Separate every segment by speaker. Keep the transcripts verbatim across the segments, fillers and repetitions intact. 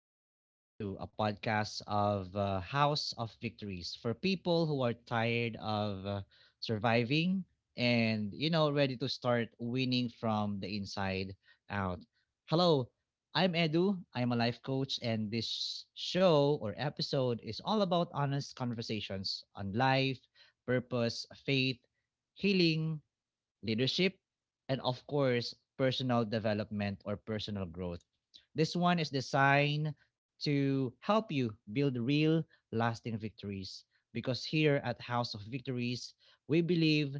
Speaker 1: Tonight with Edu, a podcast of uh, House of Victories for people who are tired of uh, surviving and, you know, ready to start winning from the inside out. Hello, I'm Edu. I'm a life coach, and this show or episode is all about honest conversations on life, purpose, faith, healing, leadership, and of course, personal development or personal growth. This one is designed to help you build real, lasting victories. Because here at House of Victories, we believe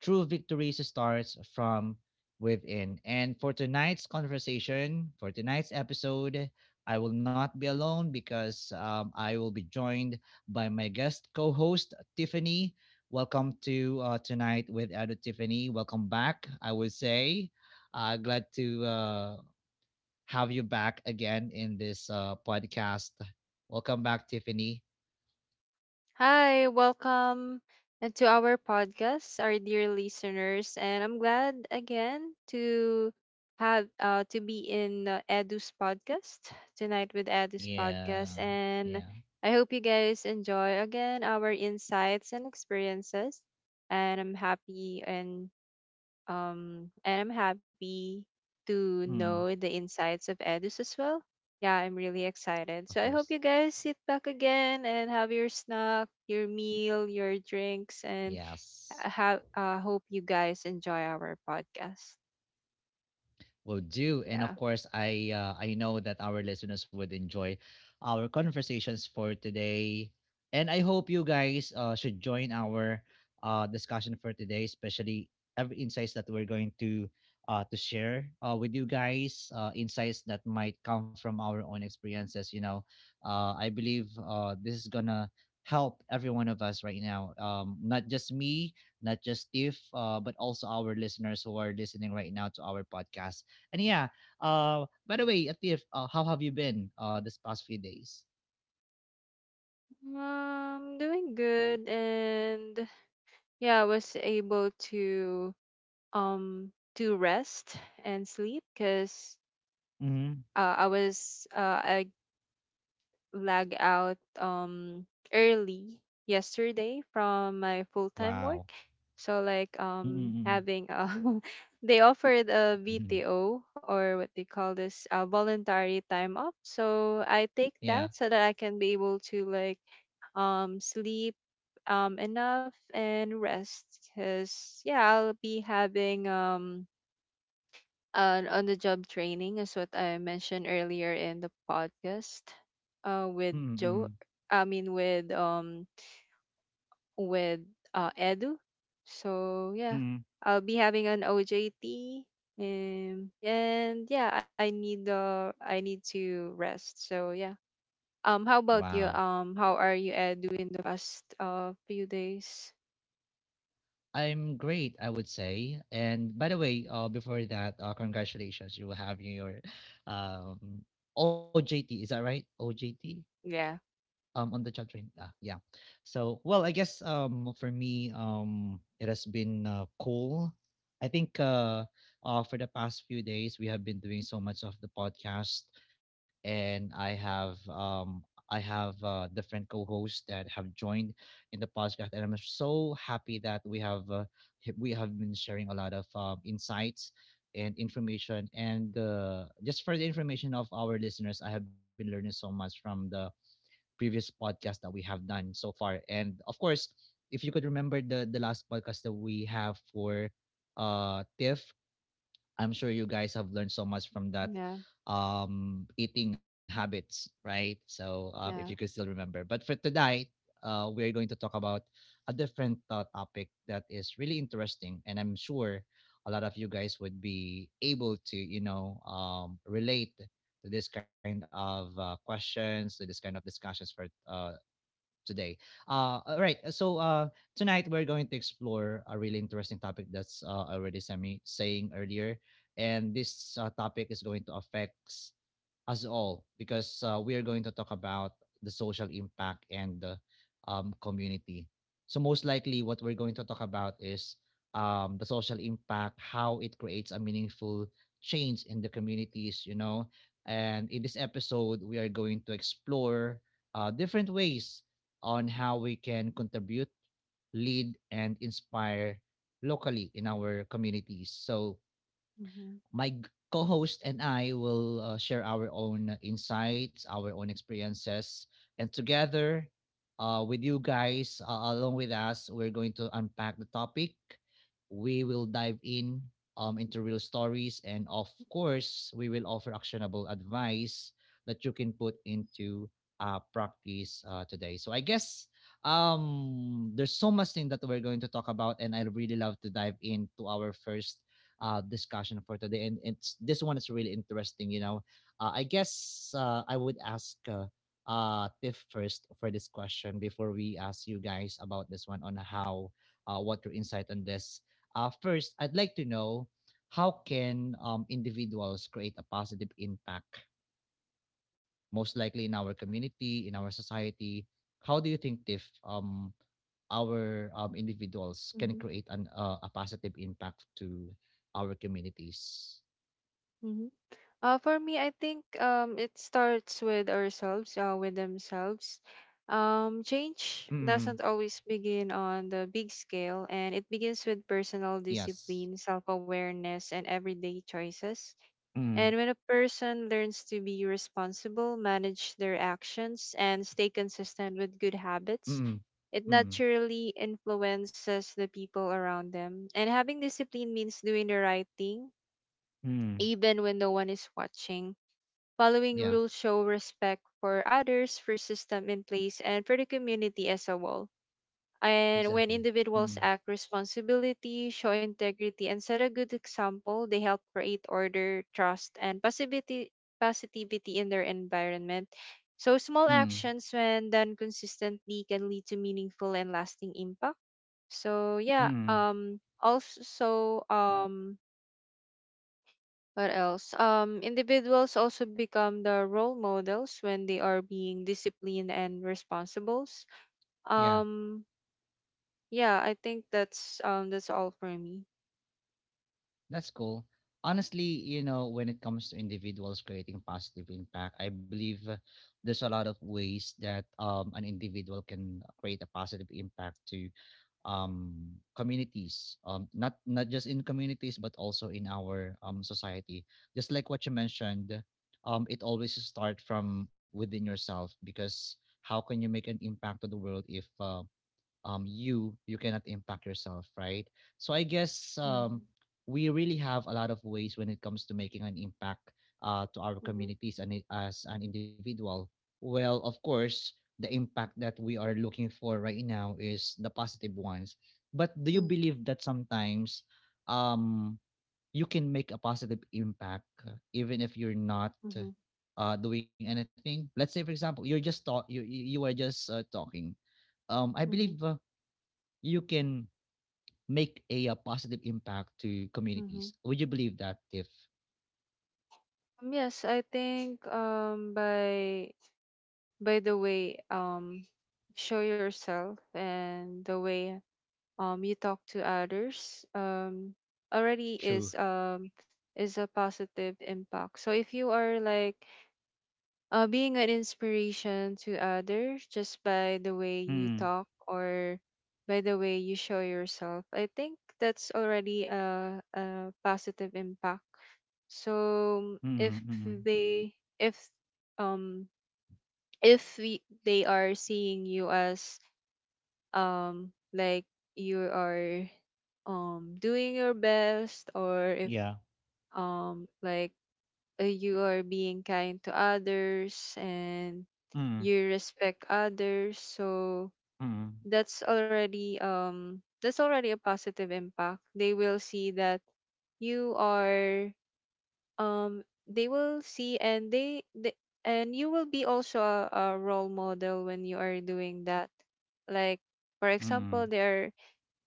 Speaker 1: true victories starts from within. And for tonight's conversation, for tonight's episode, I will not be alone because um, I will be joined by my guest co host, Tiffany. Welcome to uh, tonight with Edo, Tiffany. Welcome back, I would say. Uh, glad to uh, have you back again in this uh, podcast. Welcome back, Tiffany.
Speaker 2: Hi, welcome and to our podcast, our dear listeners, and I'm glad again to have uh, to be in uh, Edu's podcast tonight with Edu's podcast,
Speaker 1: Yeah,
Speaker 2: and
Speaker 1: yeah,
Speaker 2: I hope you guys enjoy again our insights and experiences, and I'm happy and um, and I'm happy to know
Speaker 1: mm,
Speaker 2: the insights of Edus as well. Yeah, I'm really excited.
Speaker 1: of
Speaker 2: So I
Speaker 1: course.
Speaker 2: hope you guys sit back again and have your snack, your meal, your drinks, and
Speaker 1: Yes.
Speaker 2: I have uh, hope you guys enjoy our podcast.
Speaker 1: Will do. And
Speaker 2: Yeah.
Speaker 1: of course, I uh, I know that our listeners would enjoy our conversations for today. And I hope you guys uh, should join our uh, discussion for today, especially every insights that we're going to uh, to share uh, with you guys, uh, insights that might come from our own experiences. You know, uh, I believe uh, this is gonna help every one of us right now. Um, not just me, not just Steve, uh, but also our listeners who are listening right now to our podcast. And yeah, uh, by the way, Atif, uh, how have you been uh, this past few days?
Speaker 2: Um doing good. And yeah, I was able to um to rest and sleep because
Speaker 1: Mm-hmm.
Speaker 2: uh, I was uh, I lag out um early yesterday from my full-time
Speaker 1: Wow.
Speaker 2: work. So like um
Speaker 1: Mm-mm-mm.
Speaker 2: having a they offered a
Speaker 1: Mhm.
Speaker 2: V T O, or what they call this, uh, voluntary time off. So I take
Speaker 1: Yeah.
Speaker 2: that so that I can be able to like um sleep um enough and rest, cuz yeah, I'll be having um uh, on the job training, is what I mentioned earlier in the podcast uh, with
Speaker 1: Mm-mm.
Speaker 2: Joe. I mean with um with uh, Edu. So yeah,
Speaker 1: Mm-mm.
Speaker 2: I'll be having an O J T. Um, and and yeah, I need uh, I need to rest. So yeah. Um, how about
Speaker 1: Wow.
Speaker 2: you? Um, how are you, Edu, in the past uh few days?
Speaker 1: I'm great, I would say. And by the way, uh, before that, uh, congratulations, you will have your um, O J T. Is that right? O J T?
Speaker 2: Yeah,
Speaker 1: Um, on the chat training, ah yeah. So well, I guess um for me, um it has been uh, cool. I think uh, uh for the past few days we have been doing so much of the podcast, and i have um i have uh, different co-hosts that have joined in the podcast, and I'm so happy that we have uh, h- we have been sharing a lot of um, insights and information, and uh, just for the information of our listeners, I have been learning so much from the previous podcast that we have done so far. And of course, if you could remember, the the last podcast that we have for uh TIFF, I'm sure you guys have learned so much from that
Speaker 2: yeah,
Speaker 1: um eating habits, right? So uh, if you could
Speaker 2: yeah.
Speaker 1: still remember. But for tonight, uh, we're going to talk about a different uh, topic that is really interesting, and I'm sure a lot of you guys would be able to, you know, um, relate to this kind of uh, questions, to this kind of discussions for uh, today. Uh, all right. uh, So uh, tonight we're going to explore a really interesting topic that's uh, already Sammy saying earlier, and this uh, topic is going to affect us all because uh, we are going to talk about the social impact and the um, community. So most likely, what we're going to talk about is um, the social impact, how it creates a meaningful change in the communities. You know, and in this episode, we are going to explore uh, different ways on how we can contribute, lead, and inspire locally in our communities. So
Speaker 2: Mm-hmm.
Speaker 1: my co-host and I will uh, share our own insights, our own experiences, and together uh, with you guys uh, along with us, we're going to unpack the topic. We will dive in um, into real stories, and of course, we will offer actionable advice that you can put into uh, practice uh, today. So I guess um there's so much thing that we're going to talk about, and I really love to dive into our first uh, discussion for today, and it's this one is really interesting. You know, uh, I guess uh, I would ask uh, uh, Tiff first for this question before we ask you guys about this one on how uh, what your insight on this. Uh, first, I'd like to know how can um, individuals create a positive impact, most likely in our community, in our society. How do you think if um our um, individuals can create an uh, a positive impact to our communities?
Speaker 2: Mm-hmm. Uh, for me, I think um, it starts with ourselves, uh, with themselves. Um, change
Speaker 1: Mm.
Speaker 2: doesn't always begin on the big scale, and it begins with personal
Speaker 1: Yes.
Speaker 2: discipline, self awareness, and everyday choices.
Speaker 1: Mm.
Speaker 2: And when a person learns to be responsible, manage their actions, and stay consistent with good habits,
Speaker 1: Mm.
Speaker 2: it
Speaker 1: Mm.
Speaker 2: naturally influences the people around them. And having discipline means doing the right thing,
Speaker 1: Mm.
Speaker 2: even when no one is watching. Following
Speaker 1: Yeah.
Speaker 2: rules show respect for others, for system in place, and for the community as a whole. And
Speaker 1: Exactly.
Speaker 2: when
Speaker 1: Mm.
Speaker 2: individuals act responsibility, show integrity, and set a good example, they help create order, trust, and positivity, positivity in their environment. So small
Speaker 1: Mm.
Speaker 2: actions, when done consistently, can lead to meaningful and lasting impact. So yeah,
Speaker 1: Mm.
Speaker 2: um, also um, what else? Um, individuals also become the role models when they are being disciplined and responsible.
Speaker 1: Yeah,
Speaker 2: Um, yeah, I think that's um that's all for me.
Speaker 1: that's cool. Honestly, you know, when it comes to individuals creating positive impact, I believe uh, there's a lot of ways that um, an individual can create a positive impact to um, communities, um, not not just in communities but also in our um, society. Just like what you mentioned, um, it always start from within yourself, because how can you make an impact to the world if uh, um you you cannot impact yourself, right? So I guess
Speaker 2: Mhm,
Speaker 1: um we really have a lot of ways when it comes to making an impact uh, to our
Speaker 2: mhm,
Speaker 1: communities, and i- as an individual, well of course the impact that we are looking for right now is the positive ones. But do
Speaker 2: mm,
Speaker 1: you believe that sometimes um you can make a positive impact uh, even if you're not
Speaker 2: mhm,
Speaker 1: uh, doing anything? Let's say for example you're just talk you you you are just uh, talking. um I
Speaker 2: mhm,
Speaker 1: believe uh, you can make a, uh positive impact to
Speaker 2: mhm.
Speaker 1: communities. Would you believe that if
Speaker 2: Um, yes, I think um by by the way um show yourself, and the way um you talk to others um already is
Speaker 1: true?
Speaker 2: um is a positive impact. So if you are like uh, being an inspiration to others just by the way you
Speaker 1: Mm,
Speaker 2: talk or by the way you show yourself, I think that's already a, a positive impact. So if
Speaker 1: mm, mm,
Speaker 2: they if um if we, they are seeing you as um like you are um doing your best, or if
Speaker 1: yeah.
Speaker 2: um like uh, you are being kind to others and
Speaker 1: Mm,
Speaker 2: you respect others, so
Speaker 1: mm,
Speaker 2: that's already um that's already a positive impact. They will see that you are um they will see and they, they and you will be also a, a role model when you are doing that. Like for
Speaker 1: mm,
Speaker 2: example, they are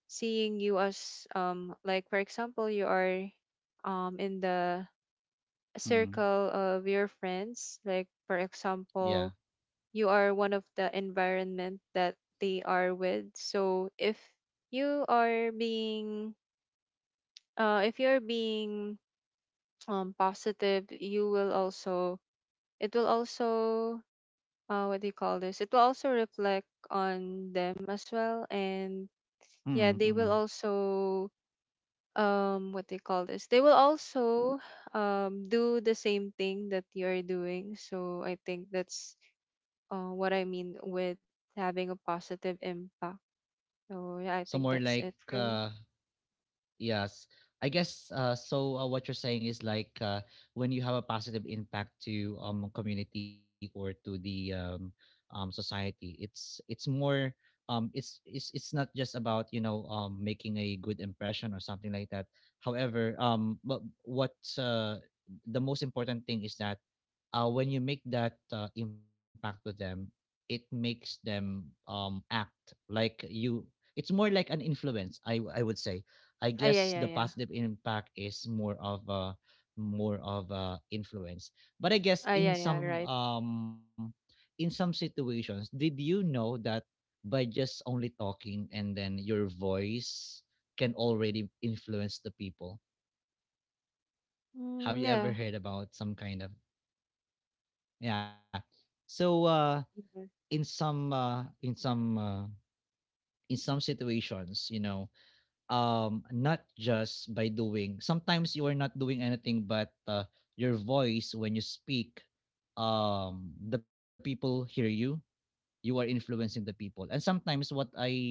Speaker 2: seeing you as um like for example you are um in the
Speaker 1: mm,
Speaker 2: circle of your friends. Like for
Speaker 1: yeah.
Speaker 2: example, you are one of the environment that they are with. So if you are being uh if you're being um positive, you will also it will also uh what do you call this it will also reflect on them as well. And
Speaker 1: Mm,
Speaker 2: yeah, they
Speaker 1: mm.
Speaker 2: will also um what they call this they will also um do the same thing that you're doing. So I think that's uh, what I mean with having a positive impact. So yeah,
Speaker 1: So
Speaker 2: I
Speaker 1: more
Speaker 2: think
Speaker 1: like
Speaker 2: that's it for me.
Speaker 1: uh, yes. I guess uh, so. Uh, what you're saying is like uh, when you have a positive impact to um community or to the um, um society, it's it's more um it's it's it's not just about, you know, um making a good impression or something like that. However, um but what uh, the most important thing is that uh, when you make that uh, impact to them, it makes them um act like you. It's more like an influence, I I would say. I
Speaker 2: Ah, yeah,
Speaker 1: guess the
Speaker 2: yeah, yeah.
Speaker 1: positive impact is more of a more of a influence. But I guess
Speaker 2: Ah,
Speaker 1: in
Speaker 2: yeah, yeah,
Speaker 1: some
Speaker 2: right.
Speaker 1: um in some situations, did you know that by just only talking and then your voice can already influence the people? Have you
Speaker 2: Mm,
Speaker 1: ever
Speaker 2: yeah.
Speaker 1: heard about some kind of, yeah? So uh
Speaker 2: Mm-hmm.
Speaker 1: in some uh in some uh in some situations, you know, um not just by doing, sometimes you are not doing anything but uh, your voice when you speak, um the people hear you, you are influencing the people. And sometimes what I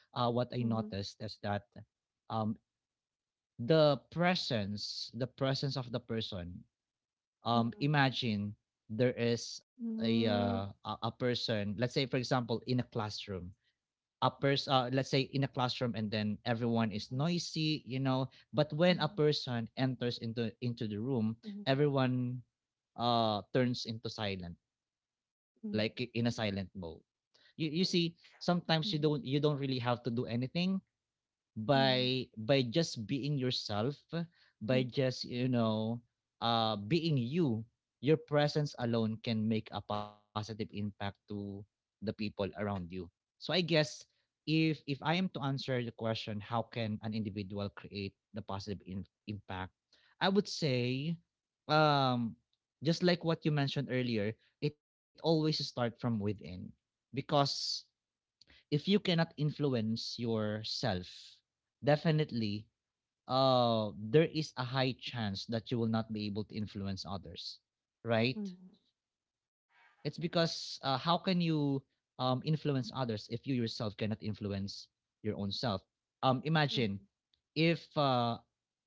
Speaker 1: uh, what I noticed is that um the presence the presence of the person, um
Speaker 2: Mm-hmm.
Speaker 1: imagine there is a uh, a a person, let's say for example in a classroom, a person, uh, let's say in a classroom, and then everyone is
Speaker 2: Mm-hmm. Mm-hmm.
Speaker 1: noisy, you know, but when a person enters into into the room,
Speaker 2: Mm-hmm.
Speaker 1: everyone uh turns into silent, like i- in a
Speaker 2: Mm-hmm.
Speaker 1: silent mode. you you see, sometimes you don't you don't really have to do anything.
Speaker 2: Mm-hmm.
Speaker 1: by by just being yourself, by just, you know, uh being you, your presence alone can make a positive impact to the people around you. So I guess if if I am to answer the question, how can an individual create the positive in- impact, I would say um just like what you mentioned earlier, it always start from within. Because if you cannot influence yourself, definitely uh there is a high chance that you will not be able to influence others, right? It's because uh, how can you um, influence others if you yourself cannot influence your own self? Um, imagine if uh,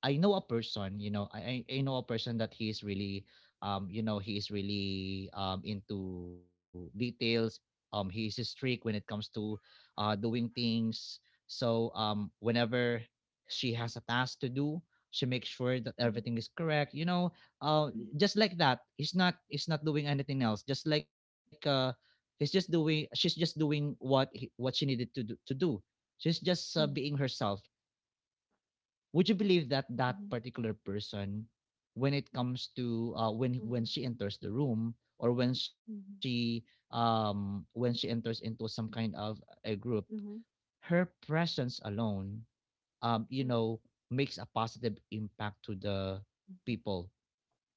Speaker 1: I know a person, you know, I, I I know a person that he is really, um, you know, he is really um, into details. Um, he is strict when it comes to uh, doing things. So um, whenever she has a task to do, she makes sure that everything is correct. You know, uh, just like that, he's not he's not doing anything else, just like uh he's just doing she's just doing what he, what she needed to do to do. She's just uh, being herself. Would you believe that that particular person, when it comes to uh when when she enters the room, or when she um when she enters into some kind of a group, her presence alone, um you know, makes a positive impact to the people.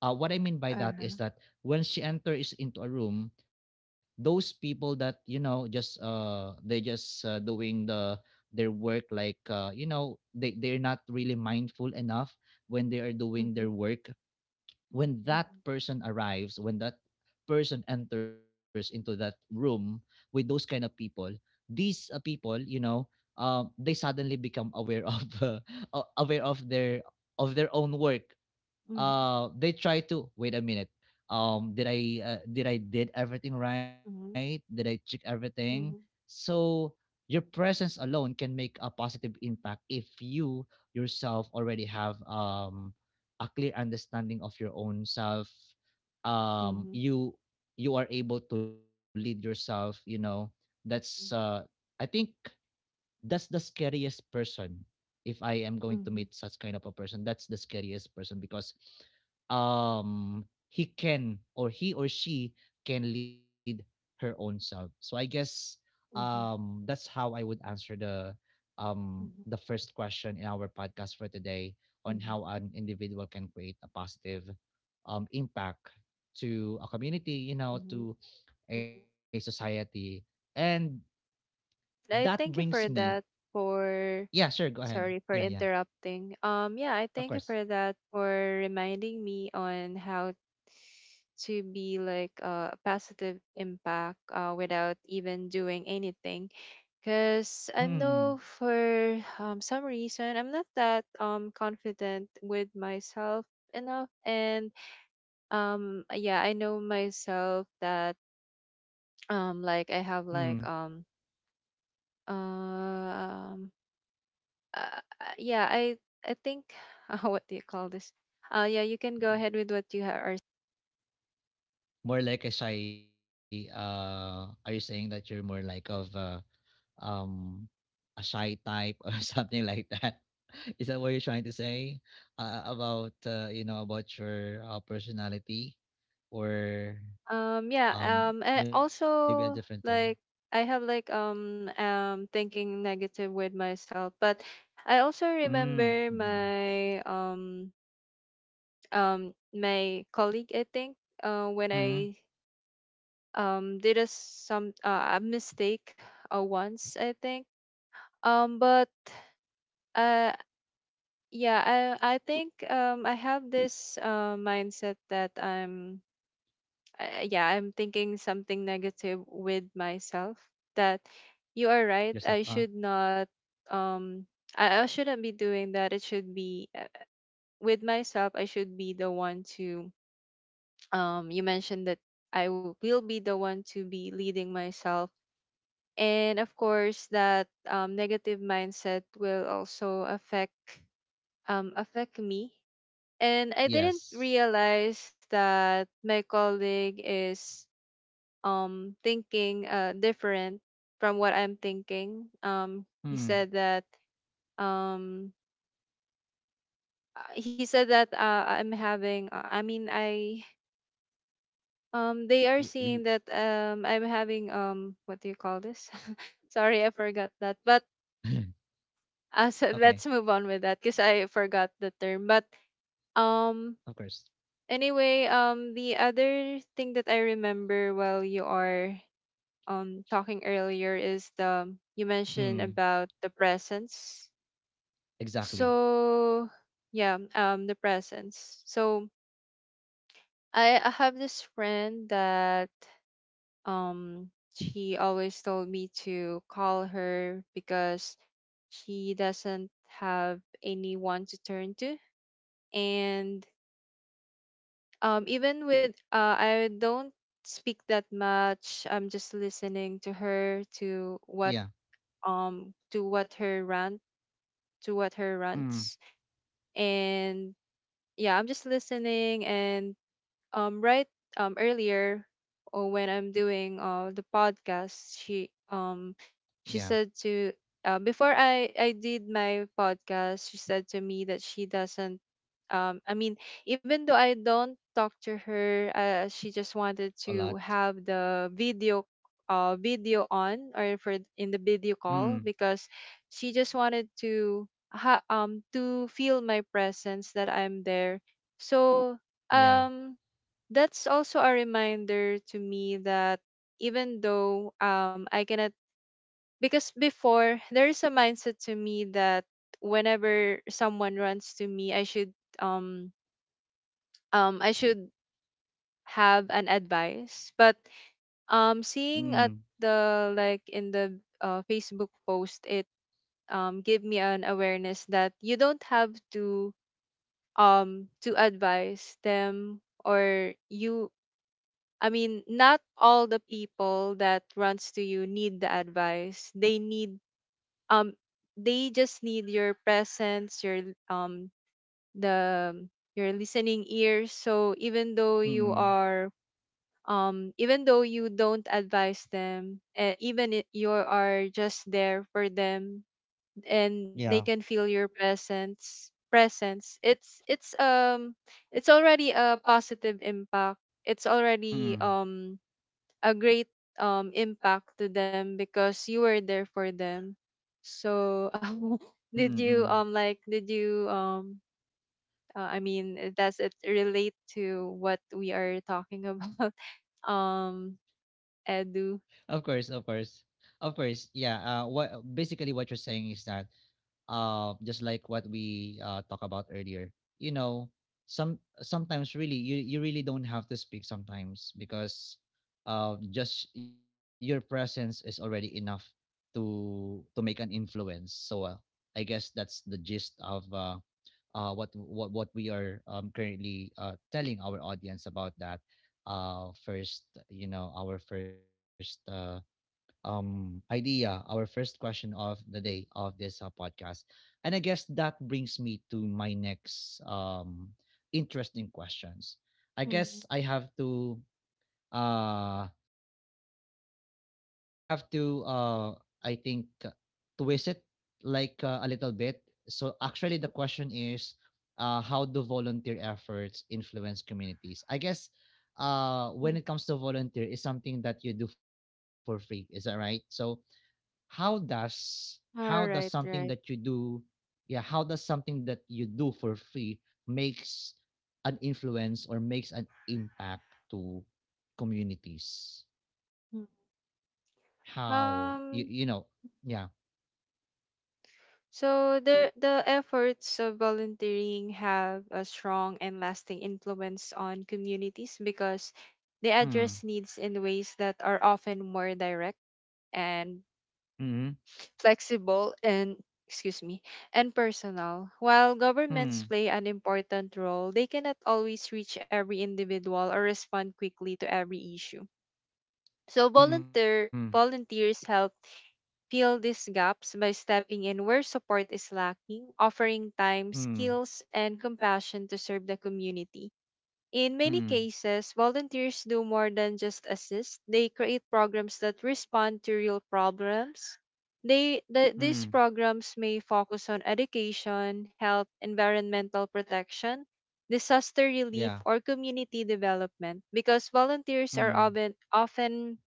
Speaker 1: uh, What I mean by that is
Speaker 2: Uh-huh.
Speaker 1: that when she enters into a room, those people that, you know, just uh they just uh, doing the their work, like uh you know, they they're not really mindful enough when they are doing
Speaker 2: Mhm,
Speaker 1: their
Speaker 2: mhm,
Speaker 1: work. When that person arrives, when that person enters into that room with those kind of people, these uh, people you know uh, they suddenly become aware of uh, aware of their of their own work.
Speaker 2: mhm, mhm,
Speaker 1: Uh they try to. Wait a minute, um did i uh, did i did everything right, did I check everything? So your presence alone can make a positive impact if you yourself already have um a clear understanding of your own self.
Speaker 2: mhm,
Speaker 1: um
Speaker 2: mhm,
Speaker 1: you you are able to lead yourself you know that's uh I think that's the scariest person. If I am going to meet
Speaker 2: mhm,
Speaker 1: such kind of a person, that's the scariest person, because um he can, or he or she can lead her own self. So I guess,
Speaker 2: mhm, mhm,
Speaker 1: um that's how I would answer the um
Speaker 2: mhm,
Speaker 1: the first question in our podcast for today on
Speaker 2: mhm.
Speaker 1: how an individual can create a positive um impact to a community you know
Speaker 2: Mhm,
Speaker 1: to
Speaker 2: mhm.
Speaker 1: a society, and that
Speaker 2: I
Speaker 1: brings
Speaker 2: thank you
Speaker 1: me—
Speaker 2: for that for
Speaker 1: yeah, sure, go ahead.
Speaker 2: Sorry
Speaker 1: Yeah,
Speaker 2: for
Speaker 1: yeah.
Speaker 2: interrupting. Um yeah, I
Speaker 1: Of
Speaker 2: thank you
Speaker 1: course.
Speaker 2: for that for reminding me on how to be like uh, a positive impact uh, without even doing anything. Because I
Speaker 1: Mm.
Speaker 2: know for um, some reason I'm not that um confident with myself enough. And um yeah, I know myself that
Speaker 1: Hmm. Mm.
Speaker 2: um like I have like um Um, uh, uh, yeah, I I think uh, what do you call this? Uh, yeah, you can go ahead with what you ha- are.
Speaker 1: More like a shy— uh are you saying that you're more like of uh um a shy type, or something like that? Is that what you're trying to say uh, about uh, you know about your uh, personality, or
Speaker 2: Um, yeah.
Speaker 1: um
Speaker 2: Um, and
Speaker 1: maybe a different thing?
Speaker 2: also like I have like um um thinking negative with myself. But I also
Speaker 1: Mm.
Speaker 2: remember
Speaker 1: Mm.
Speaker 2: my um um my colleague. I think uh when I
Speaker 1: Mm.
Speaker 2: um did a some uh, a mistake uh, once. I think um but. Uh, Yeah, I I think um I have this uh, mindset that I'm uh, yeah, I'm thinking something negative with myself, that
Speaker 1: Yourself.
Speaker 2: you are
Speaker 1: Uh
Speaker 2: right. I should not um I, I shouldn't be doing that. It should be uh, with myself. I should be the one to um you mentioned that I w- will be the one to be leading myself. And of course that um negative mindset will also affect um affect me. And I didn't
Speaker 1: yes.
Speaker 2: realize that my colleague is um thinking uh different from what I'm thinking. Um, he said
Speaker 1: Mm.
Speaker 2: that um uh, he said that uh, I'm having uh, I mean I um they are
Speaker 1: Y-
Speaker 2: seeing that
Speaker 1: l-
Speaker 2: um I'm having um what do you call this? Sorry, I forgot that. But uh, so
Speaker 1: okay,
Speaker 2: let's move on with that because I forgot the term. But um
Speaker 1: of course.
Speaker 2: Anyway, um, the other thing that I remember while you are um talking earlier is the you mentioned
Speaker 1: Mm.
Speaker 2: about the presence.
Speaker 1: Exactly.
Speaker 2: So yeah, um, the presence. So I, I have this friend that um she always told me to call her, because she doesn't have anyone to turn to. And um even with uh I don't speak that much. I'm just listening to her to
Speaker 1: Yeah.
Speaker 2: what um to what her rant to what her rants.
Speaker 1: Mm.
Speaker 2: And yeah, I'm just listening. And um right um earlier, or when I'm doing uh the podcast, she um she
Speaker 1: Yeah.
Speaker 2: said to uh, before I I did my podcast, she said to me that she doesn't um I mean even though I don't talk to her, uh, she just wanted to
Speaker 1: A
Speaker 2: have
Speaker 1: lot.
Speaker 2: the video uh video on, or for in the video call,
Speaker 1: Mm.
Speaker 2: because she just wanted to ha- um to feel my presence, that I'm there. So um
Speaker 1: Yeah.
Speaker 2: that's also a reminder to me that even though um I cannot, because before there is a mindset to me that whenever someone runs to me I should um um I should have an advice. But um seeing at
Speaker 1: Mm.
Speaker 2: the, like in the uh, Facebook post, it um gave me an awareness that you don't have to um to advise them, or you, I mean, not all the people that runs to you need the advice. They need um they just need your presence, your um the your listening ears. So even though you are
Speaker 1: Mm.
Speaker 2: um even though you don't advise them, uh, even if you are just there for them and they can
Speaker 1: Yeah.
Speaker 2: feel your presence presence, it's it's um it's already a positive impact, it's already um
Speaker 1: Mm.
Speaker 2: a great um impact to them, because you were there for them. So
Speaker 1: Mm.
Speaker 2: did you
Speaker 1: Mm.
Speaker 2: um like did you um uh, I mean, uh, does it relate to what we are talking about? Um Edu.
Speaker 1: Of course. Of course. Of course. Yeah. Uh. What basically what you're saying is that, uh just like what we uh talk about earlier. You know, some sometimes really, you you really don't have to speak sometimes, because uh just your presence is already enough to to make an influence. So, uh, I guess that's the gist of uh uh, what what what we are, um, currently, uh, telling our audience about that, uh, first— you know our first, uh, um, idea, our first question of the day of this uh, podcast. And I guess that brings me to my next, um, interesting questions. I
Speaker 2: Mm-hmm.
Speaker 1: guess I have to, uh, I have to, uh I think, uh, twist it like, uh, a little bit. So actually the question is, uh how do volunteer efforts influence communities? I guess uh when it comes to volunteer, is something that you do for free, is that right? So how does how does something
Speaker 2: Right,
Speaker 1: that you
Speaker 2: right.
Speaker 1: do— yeah, how does something that you do for free makes an influence or makes an impact to communities?
Speaker 2: Mm.
Speaker 1: How you you know
Speaker 2: Um
Speaker 1: yeah.
Speaker 2: So the the efforts of volunteering have a strong and lasting influence on communities, because they
Speaker 1: Mm.
Speaker 2: address needs in ways that are often more direct and
Speaker 1: Mm.
Speaker 2: flexible and excuse me and personal. While governments
Speaker 1: Mm.
Speaker 2: play an important role, they cannot always reach every individual or respond quickly to every issue. So
Speaker 1: Mm.
Speaker 2: volunteer volunteers help fill these gaps by stepping in where support is lacking, offering time,
Speaker 1: Mm.
Speaker 2: skills, and compassion to serve the community. In many
Speaker 1: Mm.
Speaker 2: cases, volunteers do more than just assist. They create programs that respond to real problems. They, the,
Speaker 1: Mm.
Speaker 2: these programs may focus on education, health, environmental protection, disaster relief,
Speaker 1: Yeah.
Speaker 2: or community development. Because volunteers are
Speaker 1: Mm.
Speaker 2: often, often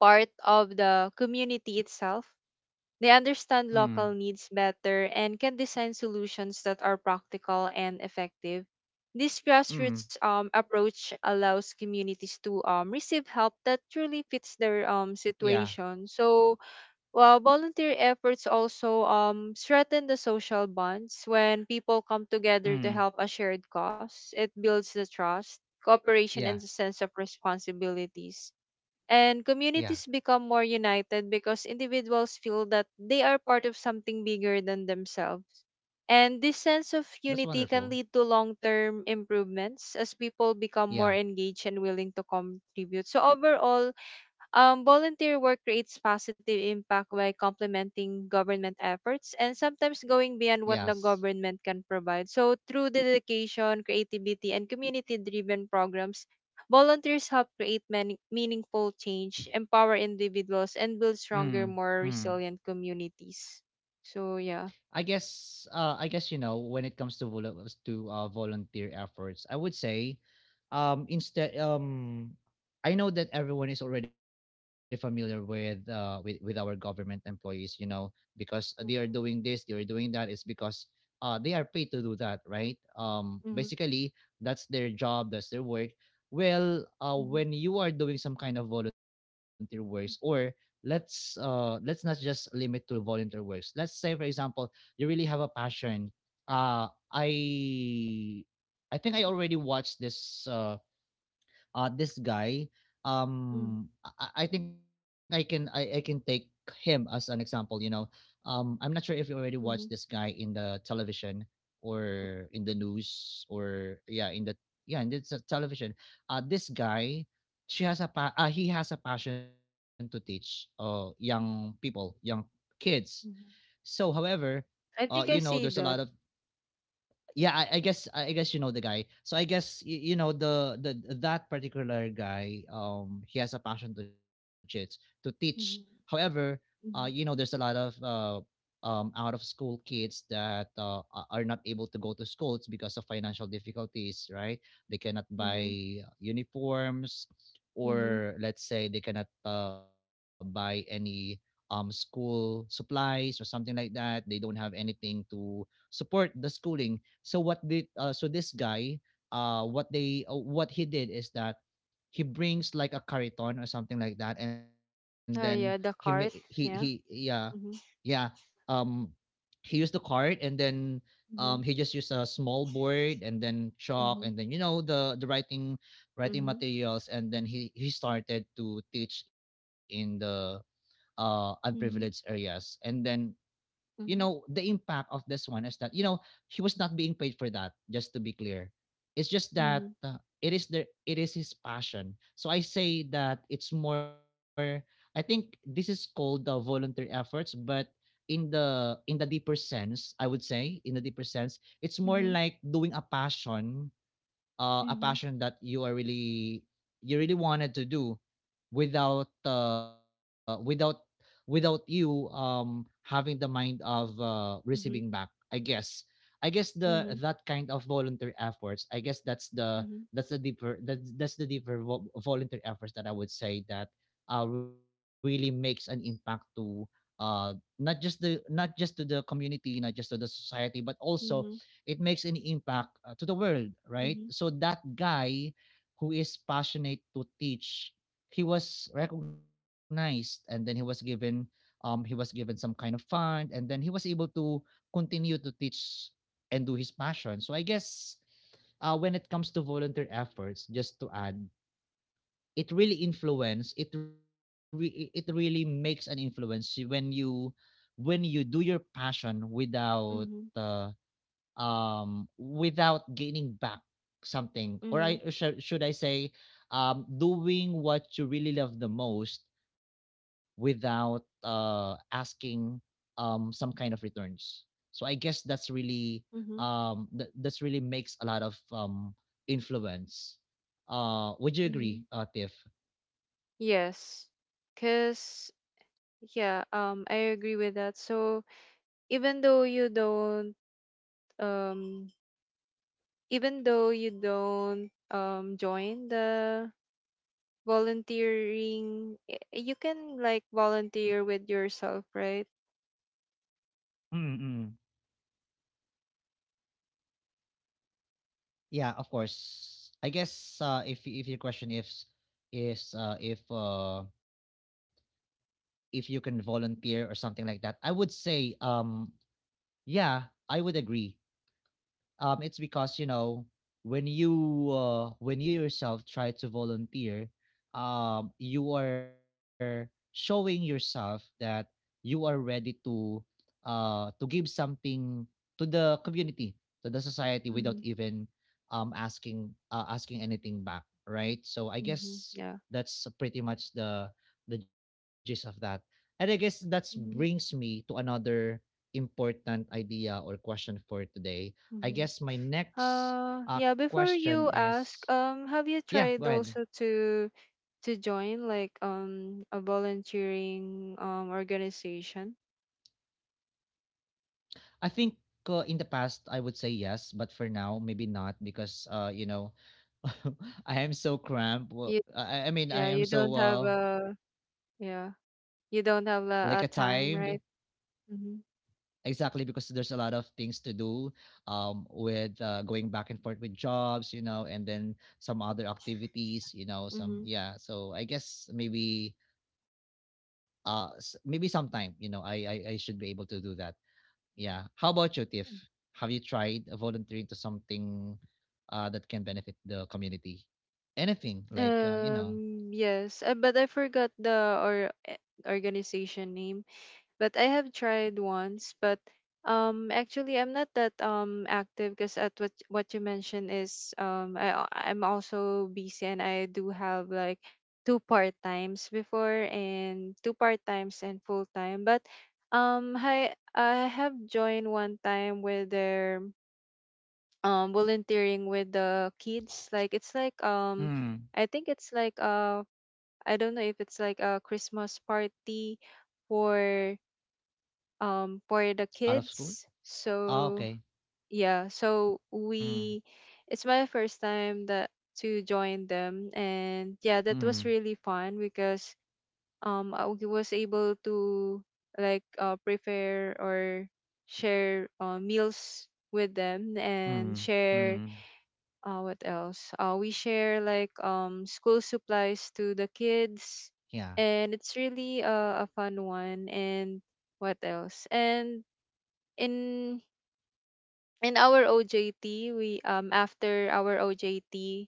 Speaker 2: part of the community itself, they understand
Speaker 1: Mm.
Speaker 2: local needs better and can design solutions that are practical and effective. This
Speaker 1: Mm.
Speaker 2: grassroots um, approach allows communities to um, receive help that truly fits their
Speaker 1: Yeah.
Speaker 2: um, situation. So, well, volunteer efforts also um, strengthen the social bonds. When people come together to
Speaker 1: Mm.
Speaker 2: help a shared cause, it builds the trust, cooperation, and the
Speaker 1: Yeah.
Speaker 2: sense of responsibilities.
Speaker 1: Yeah,
Speaker 2: And communities become more united because individuals feel that they are part of something bigger than themselves. And this sense of
Speaker 1: that's
Speaker 2: unity can
Speaker 1: wonderful.
Speaker 2: lead to long term improvements as people become more
Speaker 1: Yeah.
Speaker 2: engaged and willing to contribute. So, overall, um, volunteer work creates positive impact by complementing government efforts and sometimes going beyond what the
Speaker 1: Yes.
Speaker 2: government can provide. So, through dedication, creativity, and community driven programs, volunteers help create many meaningful change, empower individuals, and
Speaker 1: Mm.
Speaker 2: build stronger,
Speaker 1: Mm.
Speaker 2: more resilient communities. So, yeah.
Speaker 1: I guess uh I guess, you know when it comes to vol- to uh, volunteer efforts, I would say, um instead um I know that everyone is already familiar with uh with, with our government employees, you know, because they are doing this, they are doing that. It's because, uh they are paid to do that, right? um
Speaker 2: Mm-hmm.
Speaker 1: basically, that's their job, that's their work. Well, uh
Speaker 2: Mm-hmm.
Speaker 1: when you are doing some kind of volunteer works, or let's uh let's not just limit to volunteer works. Let's say, for example, you really have a passion. Uh i i think I already watched this uh uh, this guy.
Speaker 2: Mm-hmm.
Speaker 1: Um, I, I think I can I, I can take him as an example. You know, um, I'm not sure if you already watched this
Speaker 2: Mm-hmm.
Speaker 1: guy in the television or in the news or, yeah, in the— yeah, in the t- television. Uh, this guy, she has a pa- uh, he has a passion to teach uh young people, young kids. So,
Speaker 2: Mm-hmm.
Speaker 1: however, uh,
Speaker 2: I
Speaker 1: you know,
Speaker 2: think I
Speaker 1: there's a
Speaker 2: see
Speaker 1: lot of—
Speaker 2: that.
Speaker 1: yeah, I, I guess i guess, you know, the guy. So I guess you, you know the the that particular guy um he has a passion to teach, to teach
Speaker 2: Mm-hmm.
Speaker 1: however, uh you know there's a lot of uh um out of school kids that, uh, a- are not able to go to schools because of financial difficulties, right? They cannot
Speaker 2: Mm-hmm.
Speaker 1: buy uniforms,
Speaker 2: Mm-hmm.
Speaker 1: or let's say they cannot, uh, buy any um school supplies or something like that. They don't have anything to support the schooling. So what did uh, so this guy, uh what they uh, what he did is that he brings like a cariton or something like that, and then he
Speaker 2: Oh,
Speaker 1: ma-
Speaker 2: yeah, the
Speaker 1: he he
Speaker 2: cart.
Speaker 1: yeah.
Speaker 2: Yeah.
Speaker 1: Yeah,
Speaker 2: Mm-hmm.
Speaker 1: um he used the cart and then, um he just
Speaker 2: Mhm,
Speaker 1: used a small board and then chalk and
Speaker 2: mhm,
Speaker 1: then, you know, the the writing, writing
Speaker 2: mhm,
Speaker 1: materials, and then he he started to teach in the uh unprivileged
Speaker 2: mhm,
Speaker 1: areas, and then, you know
Speaker 2: mhm,
Speaker 1: the impact of this one is that, you know he was not being paid for that, just to be clear. It's just that,
Speaker 2: mhm,
Speaker 1: uh, it is the it is his passion. So I say that it's more— I think this is called the voluntary efforts, but in the in the deeper sense, I would say, in the deeper sense, it's more
Speaker 2: mhm,
Speaker 1: like doing a passion uh, a
Speaker 2: mhm,
Speaker 1: passion that you are really— you really wanted to do without uh, without without you um having the mind of, uh, receiving back.
Speaker 2: mhm,
Speaker 1: I guess i guess the that
Speaker 2: mhm,
Speaker 1: kind of voluntary efforts, I guess that's the—
Speaker 2: mhm,
Speaker 1: that's the deeper, that's, that's the deeper vo- voluntary efforts, that I would say that, uh, really makes an impact to, uh not just the— not just to the community, not just to the society, but also
Speaker 2: mhm, mhm,
Speaker 1: it makes an impact, uh, to the world, right? So that guy, who is passionate to teach, he was recognized and then he was given um he was given some kind of fund, and then he was able to continue to teach and do his passion. So I guess, uh, when it comes to volunteer efforts, just to add, it really influence— it re- it really makes an influence when you when you do your passion without, uh, um, without gaining back something.
Speaker 2: mhm,
Speaker 1: Or
Speaker 2: mhm,
Speaker 1: I, or should should I say, um, doing what you really love the most without, uh, asking, um, some kind of returns. So I guess that's really,
Speaker 2: mhm,
Speaker 1: um, th- that's really makes a lot of, um, influence. Uh, would you agree,
Speaker 2: mhm.
Speaker 1: uh, Tiff?
Speaker 2: Yes, because yeah, um, I agree with that. So even though you don't, um, even though you don't, um, join the volunteering, y- you can like volunteer with yourself, right?
Speaker 1: Mm-mm. Yeah, of course. I guess, uh, if if your question is, is uh, if uh, if you can volunteer or something like that, I would say, um yeah, I would agree. um, it's because, you know when you, uh, when you yourself try to volunteer, um, you are showing yourself that you are ready to, uh, to give something to the community, to the society, without
Speaker 2: Mm-hmm.
Speaker 1: even, um, asking uh, asking anything back, right? So I
Speaker 2: Mm-hmm.
Speaker 1: guess
Speaker 2: Yeah.
Speaker 1: that's pretty much the the gist of that. And I guess that brings
Speaker 2: Mm-hmm.
Speaker 1: me to another important idea or question for today. I guess my next,
Speaker 2: Uh,
Speaker 1: uh,
Speaker 2: yeah, before
Speaker 1: question
Speaker 2: you
Speaker 1: is—
Speaker 2: ask, um, have you
Speaker 1: yeah, go
Speaker 2: tried
Speaker 1: ahead.
Speaker 2: also to to join like um a volunteering um organization?
Speaker 1: I think, uh, in the past I would say yes, but for now maybe not because, uh you know I am so cramped. Well,
Speaker 2: You
Speaker 1: I, I mean I
Speaker 2: Yeah,
Speaker 1: am
Speaker 2: you
Speaker 1: so—
Speaker 2: don't have
Speaker 1: uh
Speaker 2: a yeah, you
Speaker 1: like a
Speaker 2: don't have a, a
Speaker 1: time.
Speaker 2: time, right? Mm-hmm.
Speaker 1: Exactly, because there's a lot of things to do, um with, uh, going back and forth with jobs, you know and then some other activities, you know some
Speaker 2: Mm-hmm.
Speaker 1: yeah, so I guess maybe, uh s- maybe sometime, you know I, I i should be able to do that. Yeah. How about you, Tiff? Have you tried volunteering to something, uh, that can benefit the community? Anything like, uh, you know,
Speaker 2: Um, yes, uh, but I forgot the or eh, organization name. But I have tried once, but um actually I'm not that um active because at what what you mentioned is um I al- I'm also busy and I do have like two part times before and two part times and full time. But um I I have joined one time where they're um volunteering with the kids. Like it's like um
Speaker 1: Mm,
Speaker 2: I think it's like uh I don't know if it's like a Christmas party for um for the
Speaker 1: out of school?
Speaker 2: kids.
Speaker 1: Ah,
Speaker 2: So
Speaker 1: okay.
Speaker 2: yeah, so
Speaker 1: Mm,
Speaker 2: we it's my first time that to join them, and yeah, that was
Speaker 1: mm,
Speaker 2: really fun because um I w- was able to like uh, prepare or share uh, meals with them
Speaker 1: mm,
Speaker 2: and share
Speaker 1: mm.
Speaker 2: uh, what else, uh, we share like um school supplies to the kids,
Speaker 1: Yeah.
Speaker 2: and it's really uh, a fun one. And what else? And in in our O J T, we um after our O J T,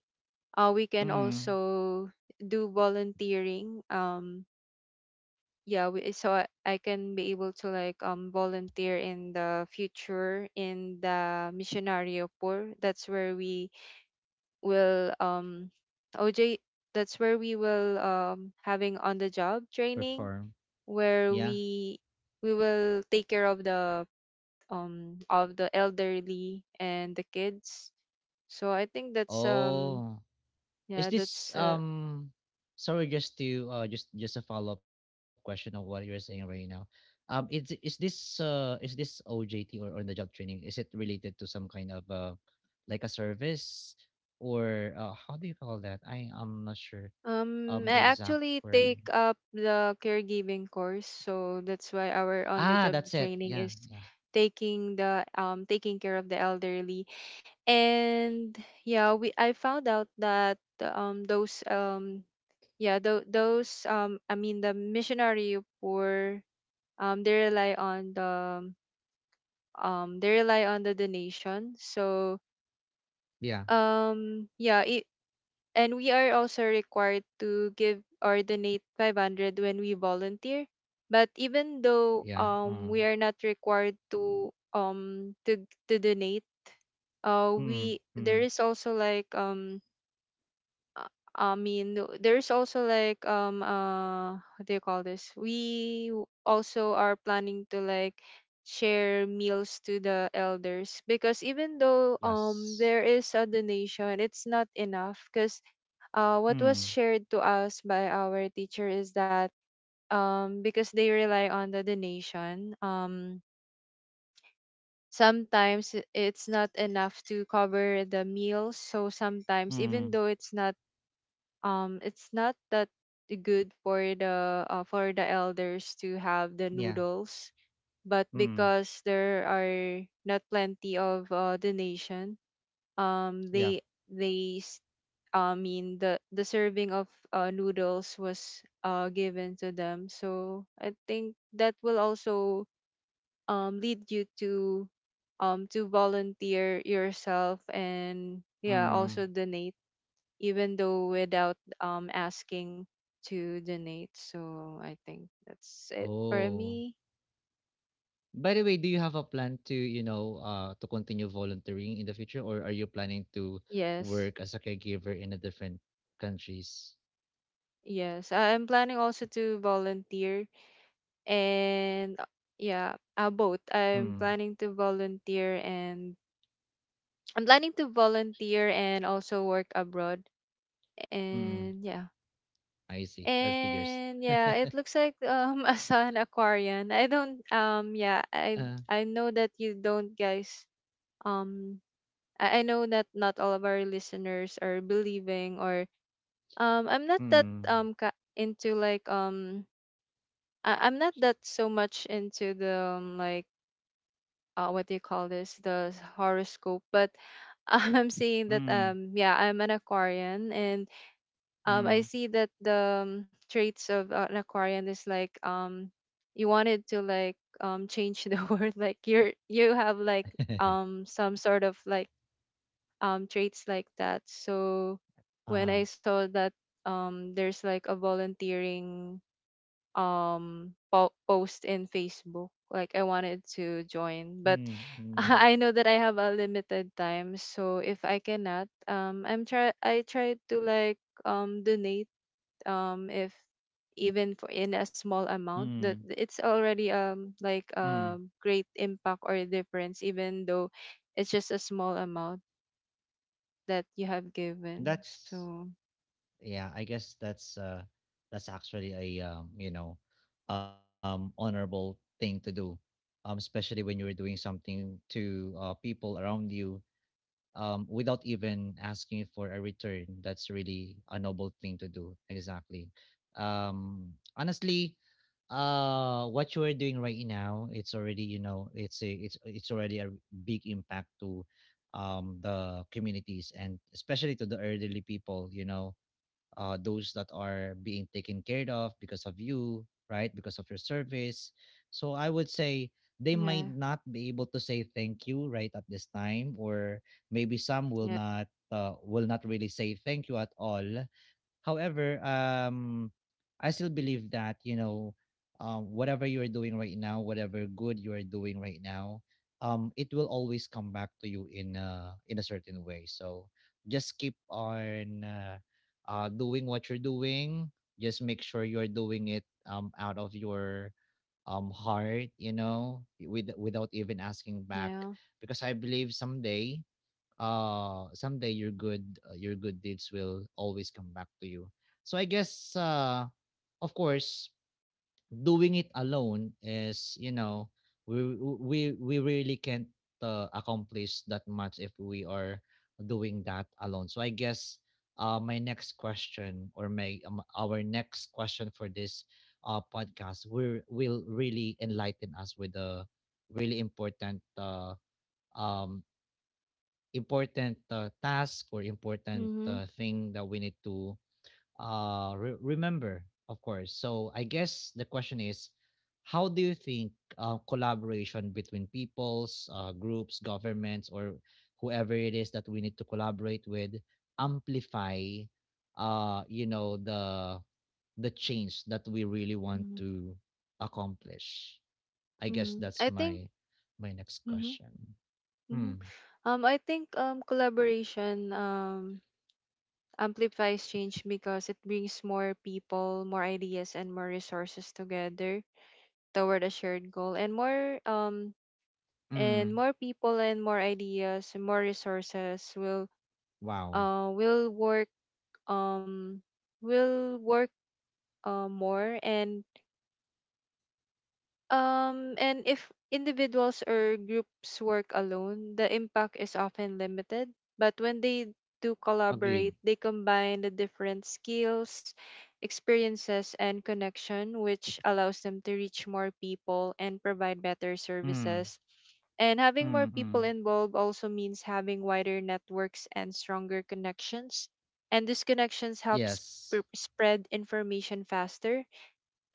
Speaker 2: uh we can
Speaker 1: Mm.
Speaker 2: also do volunteering. Um yeah, we, so I, I can be able to like um volunteer in the future in the Missionario Poor. That's where we will um O J that's where we will um having on the job
Speaker 1: Perform.
Speaker 2: training,
Speaker 1: Yeah.
Speaker 2: where we we will take care of the um of the elderly and the kids. So I think that's um
Speaker 1: Oh. Is
Speaker 2: yeah,
Speaker 1: this,
Speaker 2: that's uh,
Speaker 1: um sorry, just to, uh just just a follow-up question of what you're saying right now. Um is is this uh is this O J T, or on the job training, is it related to some kind of, uh like a service, or, uh, how do you call that? I I'm not sure,
Speaker 2: um
Speaker 1: um the
Speaker 2: I
Speaker 1: exact
Speaker 2: actually
Speaker 1: word.
Speaker 2: take up the caregiving course. So that's why
Speaker 1: Ah,
Speaker 2: our
Speaker 1: that's
Speaker 2: on the
Speaker 1: it.
Speaker 2: job
Speaker 1: Yeah,
Speaker 2: training
Speaker 1: yeah.
Speaker 2: is taking the um taking care of the elderly. And yeah, we, I found out that um those um yeah, tho- those um I mean the missionary poor, um they rely on the um they rely on the donation. So
Speaker 1: Yeah,
Speaker 2: um yeah, it and we are also required to give or donate five hundred when we volunteer, but even
Speaker 1: yeah.
Speaker 2: though
Speaker 1: Uh,
Speaker 2: um we are not required to um to to donate, uh
Speaker 1: mm,
Speaker 2: we there
Speaker 1: mm,
Speaker 2: is also like um uh, I mean, no- there's also like um uh what do you call this? We w- also are planning to like share meals to the elders, because even though um there
Speaker 1: yes.
Speaker 2: is a donation, it's not enough. Because uh what was
Speaker 1: Mm,
Speaker 2: shared to us by our teacher is that um because they rely on the donation, um sometimes i- it's not enough to cover the meals. So sometimes even
Speaker 1: mm,
Speaker 2: though it's not um it's not that good for the uh, for the elders to have the
Speaker 1: yeah.
Speaker 2: noodles, but
Speaker 1: Mm,
Speaker 2: because there are not plenty of uh, donation, um
Speaker 1: yeah.
Speaker 2: they they s- I mean the the serving of uh, noodles was uh, given to them. So I think that will also um lead you to um to volunteer yourself, and yeah, also
Speaker 1: Mm.
Speaker 2: donate even though without um asking to donate. So I think that's it
Speaker 1: Oh.
Speaker 2: for me.
Speaker 1: By the way, do you have a plan to, you know, uh, to continue volunteering in the future, or are you planning to
Speaker 2: Yes.
Speaker 1: work as a caregiver in a different countries?
Speaker 2: Yes. I- I'm planning also to volunteer and uh, yeah, uh, both.
Speaker 1: Mm,
Speaker 2: I'm planning to volunteer and I'm planning to volunteer and also work abroad.
Speaker 1: mm,
Speaker 2: And yeah.
Speaker 1: I see. That figures.
Speaker 2: And
Speaker 1: uh,
Speaker 2: yeah, it looks like um a sun aquarian. I don't um yeah, I I know that you don't guys um I, I know that not all of our listeners are believing or um I'm not that
Speaker 1: mm,
Speaker 2: um ka- into like um I, I'm not that so much into the um, like uh, what do you call this, the horoscope? But I'm seeing that
Speaker 1: mm,
Speaker 2: um yeah, I'm an Aquarian, and um I
Speaker 1: mm.
Speaker 2: see that the um, traits of uh, an Aquarian is like um you wanted to like um change the world, like you're you have like um some sort of like um traits like that. So when
Speaker 1: uh,
Speaker 2: I saw that um there's like a volunteering um po- post in Facebook, like I wanted to
Speaker 1: mm,
Speaker 2: join, but
Speaker 1: mm,
Speaker 2: I know that I have a limited time, so if I cannot, um I'm try I try to like um donate um if even for in a small
Speaker 1: mm,
Speaker 2: amount, that it's already um like
Speaker 1: mm.
Speaker 2: a great impact or difference, even though it's just a small amount that you have given.
Speaker 1: That's
Speaker 2: So
Speaker 1: yeah, I guess that's uh that's actually a, um you know um honorable thing to do, um especially when you're doing something to, uh people around you, um without even asking for a return. That's really a noble thing to do, exactly. um honestly, uh what you are doing right now, it's already, you know it's a it's it's already a big impact to, um the communities, and especially to the elderly people you know uh, those that are being taken care of because of you, right? Because of your service. So I would say they might
Speaker 2: yeah,
Speaker 1: not be able to say thank you right at this time, or maybe some will
Speaker 2: yeah,
Speaker 1: not uh, will not really say thank you at all. However, um, I still believe that you know, um, whatever you are doing right now, whatever good you are doing right now, um, it will always come back to you in a in a certain way. So just keep on uh, uh, doing what you're doing. Just make sure you're doing it um, out of your um, heart, you know, with, without even asking back.
Speaker 2: yeah.
Speaker 1: Because I believe someday uh someday your good uh, your good deeds will always come back to you. So i guess, uh of course, doing it alone is, you know we we we really can't uh, accomplish that much if we are doing that alone. So i guess, uh my next question, or my um, our next question for this uh podcast, will will really enlighten us with a really important uh um important uh, task, or important
Speaker 2: Mhm,
Speaker 1: uh, thing that we need to uh, re- remember, of course. So I guess the question is, how do you think uh, collaboration between peoples, uh, groups, governments, or whoever it is that we need to collaborate with amplify, uh, you know, the the change that we really want
Speaker 2: mhm,
Speaker 1: to accomplish? I guess
Speaker 2: mhm.
Speaker 1: that's
Speaker 2: I think.
Speaker 1: my my next
Speaker 2: Mhm,
Speaker 1: question.
Speaker 2: mhm.
Speaker 1: Hmm.
Speaker 2: Um, I think um collaboration um amplifies change because it brings more people, more ideas, and more resources together toward a shared goal, and more um and
Speaker 1: Mm.
Speaker 2: more people and more ideas and more resources will
Speaker 1: Wow.
Speaker 2: uh will work um will work uh, more and Um, and if individuals or groups work alone, the impact is often limited. But when they do
Speaker 1: Agreed.
Speaker 2: collaborate, they combine the different skills, experiences, and connection, which allows them to reach more people and provide better
Speaker 1: Mm,
Speaker 2: services. And having more
Speaker 1: mm.
Speaker 2: people involved also means having wider networks and stronger connections. And these connections helps
Speaker 1: Yes,
Speaker 2: sp- spread information faster,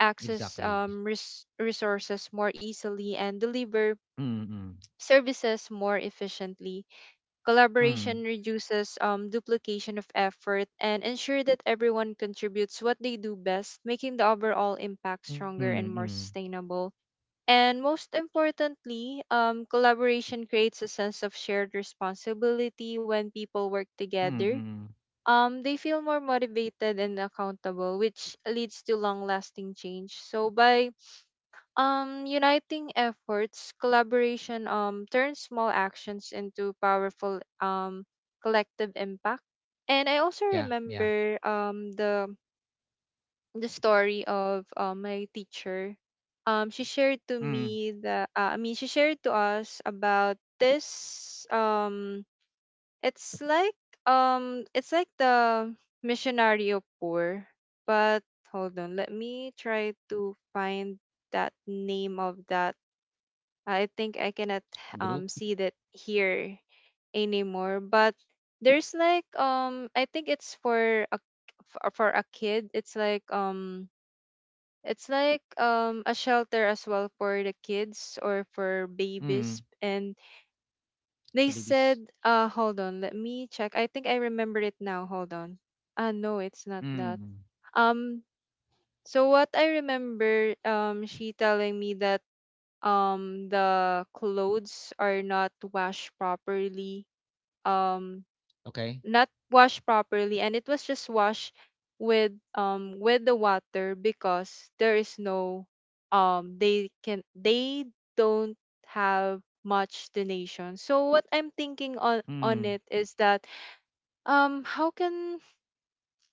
Speaker 2: access
Speaker 1: exactly.
Speaker 2: um, res- resources more easily, and deliver
Speaker 1: Mm,
Speaker 2: services more efficiently.
Speaker 1: mm.
Speaker 2: Collaboration reduces um, duplication of effort and ensure that everyone contributes what they do best, making the overall impact stronger and more
Speaker 1: Mm,
Speaker 2: sustainable. And most importantly, um, collaboration creates a sense of shared responsibility when people work together.
Speaker 1: mm.
Speaker 2: Um, they feel more motivated and accountable, which leads to long lasting change. So, by um, uniting efforts, collaboration um turns small actions into powerful um collective impact. And I also
Speaker 1: Yeah, yeah.
Speaker 2: remember um the the story of uh, my teacher. Um, she shared to
Speaker 1: Mm.
Speaker 2: me the uh, I mean she shared to us about this um it's like um it's like the missionario poor, but hold on, let me try to find that name of that. I think I cannot
Speaker 1: Group.
Speaker 2: um see that here anymore. But there's like um I think it's for a for for a kid. It's like um it's like um a shelter as well for the kids or for
Speaker 1: Mm.
Speaker 2: babies. And
Speaker 1: For
Speaker 2: they
Speaker 1: babies.
Speaker 2: said uh hold on, let me check. I think I remember it now. Hold on. Ah no, it's not that.
Speaker 1: Mm.
Speaker 2: Um so what I remember um she telling me that um the clothes are not washed properly, um
Speaker 1: Okay.
Speaker 2: not washed properly, and it was just washed with um with the water because there is no um they can they don't have much donation. So what I'm thinking on on
Speaker 1: Mm.
Speaker 2: it is that um how can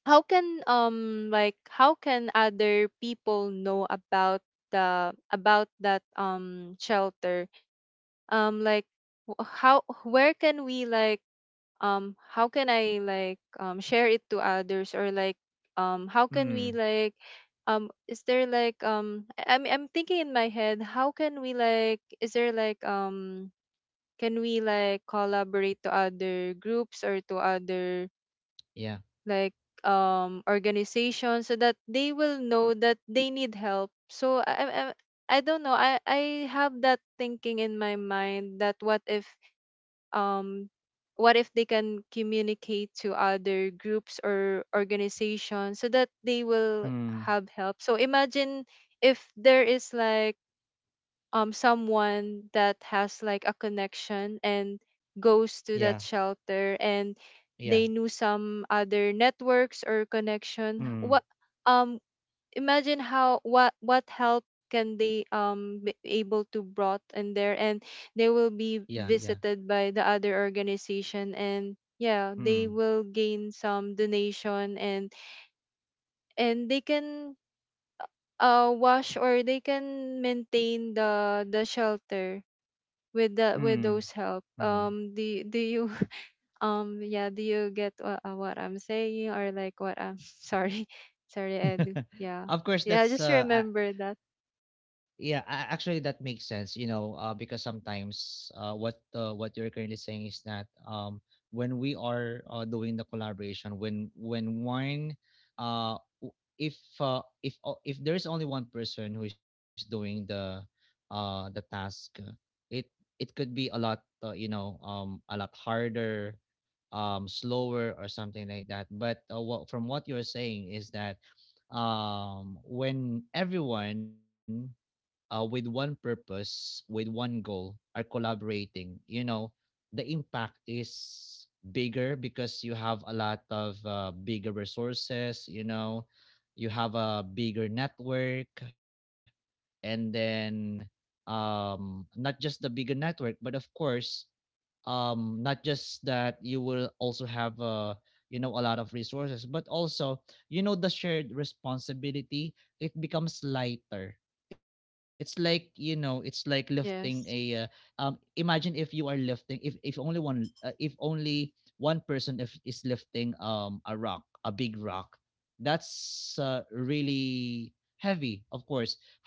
Speaker 2: how can um like how can other people know about the about that um shelter, um like wh- how where can we like um how can I like um share it to others, or like um how can we
Speaker 1: Mm.
Speaker 2: like um is there like um I- i'm i'm thinking in my head, how can we like is there like um can we like collaborate to other groups or to other
Speaker 1: Yeah.
Speaker 2: like um organizations so that they will know that they need help. So i i, I I don't know, I I have that thinking in my mind that what if um what if they can communicate to other groups or organizations so that they will
Speaker 1: Mm.
Speaker 2: have help. So imagine if there is like um someone that has like a connection and goes to
Speaker 1: Yeah.
Speaker 2: that shelter, and
Speaker 1: Yeah.
Speaker 2: they knew some other networks or connection.
Speaker 1: Mm.
Speaker 2: What um imagine how what what help can they um be able to brought in there, and they will be
Speaker 1: Yeah. Yeah.
Speaker 2: visited by the other organization, and yeah, they
Speaker 1: Mm.
Speaker 2: will gain some donation, and and they can uh wash, or they can maintain the the shelter with the with
Speaker 1: Mm.
Speaker 2: those help.
Speaker 1: Mm.
Speaker 2: um do do you um yeah, do you get what, uh, what I'm saying, or like what I'm sorry, sorry, Edu. Yeah,
Speaker 1: Of course,
Speaker 2: yeah, I
Speaker 1: that's
Speaker 2: just
Speaker 1: uh, a-
Speaker 2: remember that.
Speaker 1: Yeah, a- actually that makes sense, you know, uh, because sometimes uh, what uh, what you're currently saying is that um, when we are uh, doing the collaboration, when when one— uh, w- if uh, if— o- if there is only one person who is doing the uh, the task, uh, it it could be a lot, uh, you know um, a lot harder, um, slower or something like that. But uh, what, from what you're saying is that um, when everyone uh, with one purpose, with one goal, are collaborating, you know, the impact is bigger because you have a lot of uh, bigger resources, you know, you have a bigger network, and then, um, not just the bigger network, but of course, um not just that, you will also have uh you know a lot of resources, but also, you know the shared responsibility, it becomes lighter. It's like, you know it's like lifting a— uh,
Speaker 2: Yes.
Speaker 1: um imagine if you are lifting, if if only one— uh, if only one person if is lifting um a rock, a big rock, that's uh, really heavy. Of course,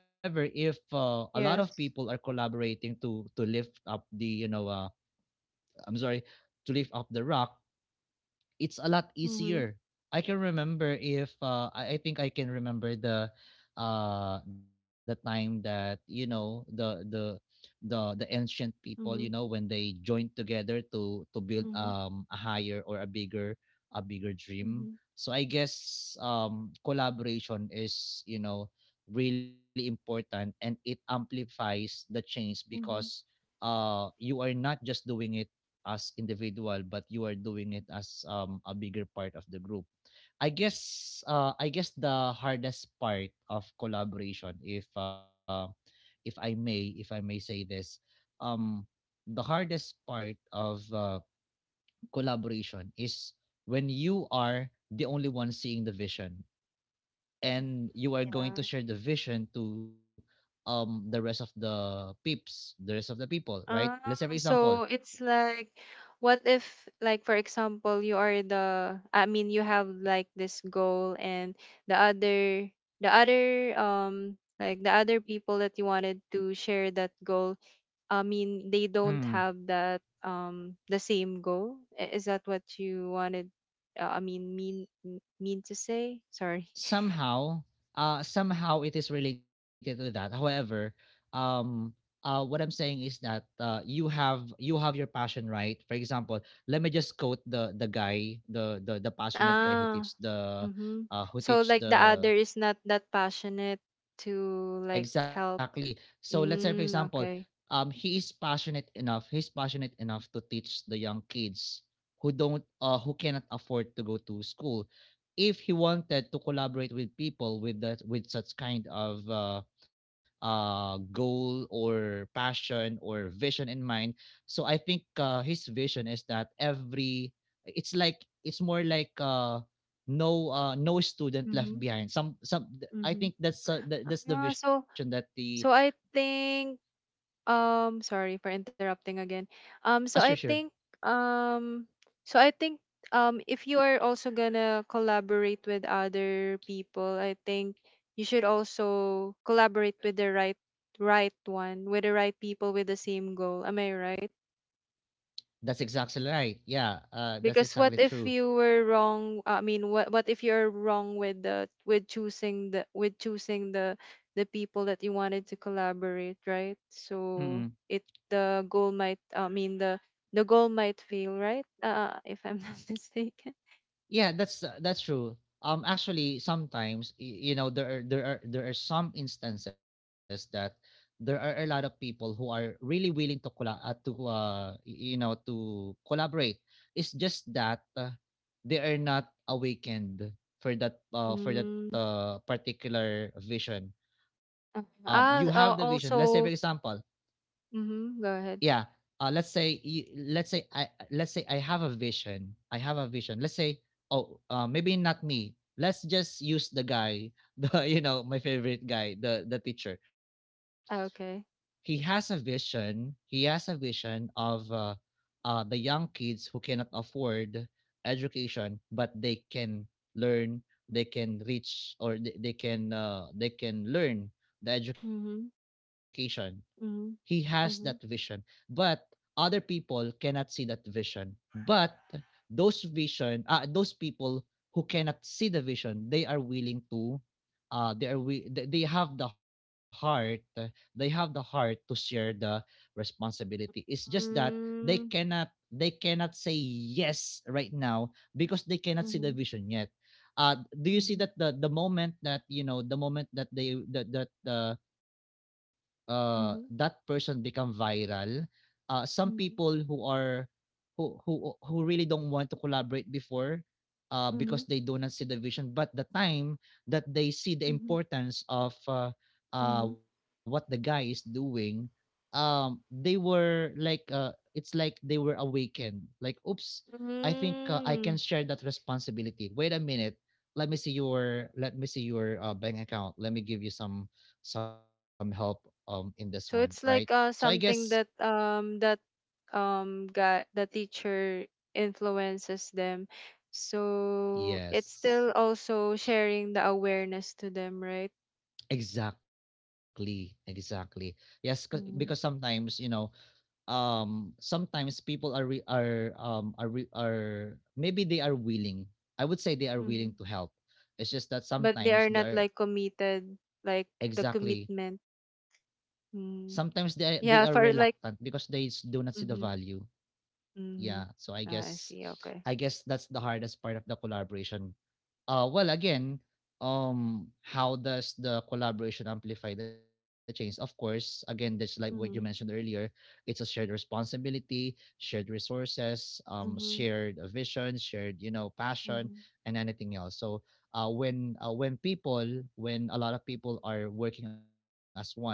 Speaker 1: however, if uh, a lot of
Speaker 2: Yes.
Speaker 1: people are collaborating to to lift up the, you know, uh, I'm sorry, to lift up the rock, it's a lot
Speaker 2: Mhm.
Speaker 1: easier. I can remember, if uh, I, I think I can remember the uh the time that, you know, the the the the ancient people, you know,
Speaker 2: Mhm.
Speaker 1: when they joined together to to build
Speaker 2: Mhm.
Speaker 1: um a higher or a bigger, a bigger dream.
Speaker 2: Mhm.
Speaker 1: So i guess, um collaboration is, you know, really important, and it amplifies the change because
Speaker 2: Mhm.
Speaker 1: uh you are not just doing it as individual, but you are doing it as um a bigger part of the group. I guess uh i guess the hardest part of collaboration, if uh if i may if i may say this, um the hardest part of uh, collaboration is when you are the only one seeing the vision, and you are going to
Speaker 2: Yeah.
Speaker 1: share the vision to um the rest of the peeps the rest of the people, right? Let's
Speaker 2: Ah,
Speaker 1: say for example.
Speaker 2: so it's like, what if, like, for example, you are the, I mean, you have like this goal, and the other, the other, um, like the other people that you wanted to share that goal, I mean, they
Speaker 1: Mm.
Speaker 2: don't have that, um, the same goal. I- Is that what you wanted, uh, I mean, mean, mean to say? Sorry.
Speaker 1: Somehow, uh somehow it is related to that. However, um uh what i'm saying is that uh you have you have your passion, right? For example, let me just quote the the guy, the the, the passionate guy who
Speaker 2: Ah,
Speaker 1: teach the,
Speaker 2: mm-hmm.
Speaker 1: uh who
Speaker 2: So
Speaker 1: teach
Speaker 2: like the
Speaker 1: the—
Speaker 2: other is not that passionate to like
Speaker 1: Exactly.
Speaker 2: help.
Speaker 1: So let's say for example,
Speaker 2: Mm, okay.
Speaker 1: um he is passionate enough, he's passionate enough to teach the young kids who don't uh who cannot afford to go to school. If he wanted to collaborate with people with that with such kind of uh uh goal or passion or vision in mind, so I think, uh his vision is that every— it's like it's more like, uh no uh no student left
Speaker 2: Mm-hmm.
Speaker 1: behind, some some th- i
Speaker 2: Mm-hmm.
Speaker 1: think that's, uh, th- that's the
Speaker 2: Ah.
Speaker 1: vision
Speaker 2: So
Speaker 1: that the—
Speaker 2: so I think um sorry for interrupting again. Um so
Speaker 1: uh,
Speaker 2: I
Speaker 1: Sure, sure.
Speaker 2: think um so I think um if you are also gonna collaborate with other people, I think you should also collaborate with the right right one, with the right people with the same goal. Am I right?
Speaker 1: That's exactly right, yeah. Uh that's
Speaker 2: Because what
Speaker 1: exactly
Speaker 2: if
Speaker 1: true.
Speaker 2: you were wrong? I mean, what what if you're wrong with the with choosing the with choosing the the people that you wanted to collaborate, right?
Speaker 1: Mm-mm.
Speaker 2: So it the goal might, I mean the the goal might fail, right? Uh, if I'm not mistaken.
Speaker 1: Yeah, that's uh, that's true. Um actually, sometimes, y- you know, there are there are there are some instances that there are a lot of people who are really willing to colla- uh, to uh, y- you know, to collaborate. It's just that uh, they are not awakened for that uh, for that
Speaker 2: Mm.
Speaker 1: uh, particular vision. Um
Speaker 2: uh,
Speaker 1: you have the
Speaker 2: Ah,
Speaker 1: vision, let's
Speaker 2: al-
Speaker 1: say for example.
Speaker 2: also. Mm-hmm, go
Speaker 1: Yeah,
Speaker 2: ahead.
Speaker 1: uh, let's say you, let's say i let's say i have a vision. I have a vision let's say, oh, uh, maybe not me, let's just use the guy the, you know, my favorite guy, the the teacher.
Speaker 2: Ah,
Speaker 1: He
Speaker 2: okay.
Speaker 1: has a vision he has a vision of, uh, uh, the young kids who cannot afford education, but they can learn, they can reach, or they, they can uh, they can learn the education.
Speaker 2: Mm-hmm.
Speaker 1: He has that vision.
Speaker 2: Mm-hmm.
Speaker 1: But other people cannot see that vision. But those vision uh, those people who cannot see the vision, they are willing to— uh they are we they they have the heart uh, they have the heart to share the responsibility. It's just that they
Speaker 2: Mm-hmm.
Speaker 1: cannot they cannot say yes right now, because they cannot see the
Speaker 2: Mm-hmm.
Speaker 1: vision yet. uh do you see
Speaker 2: Mm-hmm.
Speaker 1: that the the moment that, you know, the moment that they that that uh, uh that
Speaker 2: Mm-hmm.
Speaker 1: person become viral, uh some people who
Speaker 2: Mm-hmm.
Speaker 1: are, who who who really don't want to collaborate before, uh, because
Speaker 2: Mm-hmm.
Speaker 1: they do not see the vision, but the time that they see the importance of, uh, uh,
Speaker 2: Mm-hmm.
Speaker 1: what the guy is doing, um, they were like, uh, it's like they were awakened, like, oops, i think uh, i can
Speaker 2: Mm.
Speaker 1: share that responsibility. Wait a minute, let me see your let me see your uh, bank account. Let me give you some some help um in this one, right?
Speaker 2: So it's
Speaker 1: So i
Speaker 2: like uh
Speaker 1: guess—
Speaker 2: something that um that um got the teacher influences them. So it's
Speaker 1: yes.
Speaker 2: still also sharing the awareness to them, right?
Speaker 1: Exactly, exactly. Yes, 'cause- because
Speaker 2: Mm.
Speaker 1: sometimes, you know, um, sometimes people are— re- are um are re- are maybe they are willing. I would say they are willing
Speaker 2: Mm.
Speaker 1: to help. It's just that
Speaker 2: But they
Speaker 1: sometimes
Speaker 2: are
Speaker 1: they
Speaker 2: not
Speaker 1: are—
Speaker 2: like committed, like the
Speaker 1: exactly.
Speaker 2: commitment.
Speaker 1: Sometimes
Speaker 2: Mm.
Speaker 1: they they are
Speaker 2: Yeah, for
Speaker 1: reluctant
Speaker 2: like
Speaker 1: because they s- do not see the value.
Speaker 2: mm-hmm.
Speaker 1: Yeah.
Speaker 2: Mm-hmm.
Speaker 1: So I
Speaker 2: Ah,
Speaker 1: guess,
Speaker 2: I see.
Speaker 1: I
Speaker 2: Okay.
Speaker 1: guess that's the hardest part of the collaboration. Uh, well, again, um, how does the collaboration amplify the change? Of course, again, that's like what you mentioned
Speaker 2: Mm-hmm.
Speaker 1: earlier. It's a shared responsibility, shared resources, um,
Speaker 2: Mm-hmm.
Speaker 1: shared uh, vision, shared you know passion,
Speaker 2: Mm-hmm.
Speaker 1: and anything else. So, uh, when uh, when people— when a lot of people are working as one,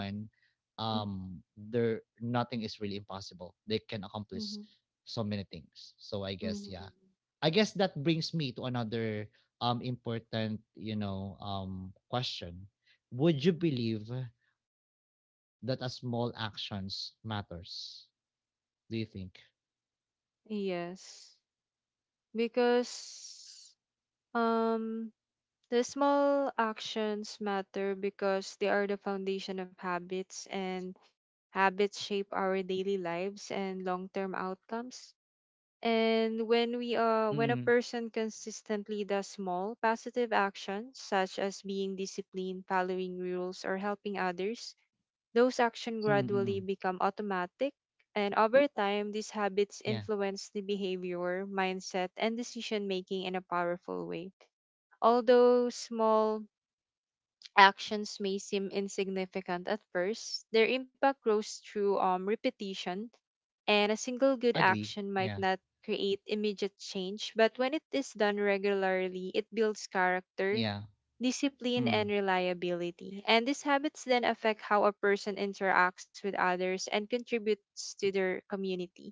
Speaker 1: um,
Speaker 2: Mm-hmm.
Speaker 1: there, nothing is really impossible. They can accomplish
Speaker 2: Mm-hmm.
Speaker 1: so many things. So I guess, yeah,
Speaker 2: Mm-hmm.
Speaker 1: I guess that brings me to another um important, you know, um question. Would you believe that a small actions matters? Do you think?
Speaker 2: Yes, because Um, the small actions matter because they are the foundation of habits, and habits shape our daily lives and long-term outcomes. And when we uh when a
Speaker 1: Mm.
Speaker 2: person consistently does small positive actions such as being disciplined, following rules, or helping others,
Speaker 1: Mm.
Speaker 2: those actions
Speaker 1: Mm.
Speaker 2: gradually become automatic. And over time, these
Speaker 1: Yeah.
Speaker 2: habits influence the behavior, mindset, and decision making in a powerful way. Although small actions may seem insignificant at first, their impact grows through um, repetition, and a
Speaker 1: Agree.
Speaker 2: single good
Speaker 1: Yeah.
Speaker 2: action might not create immediate change, but when it is done regularly, it builds character,
Speaker 1: Yeah.
Speaker 2: discipline,
Speaker 1: Mm.
Speaker 2: and reliability. And these habits then affect how a person interacts with others and contributes to their community.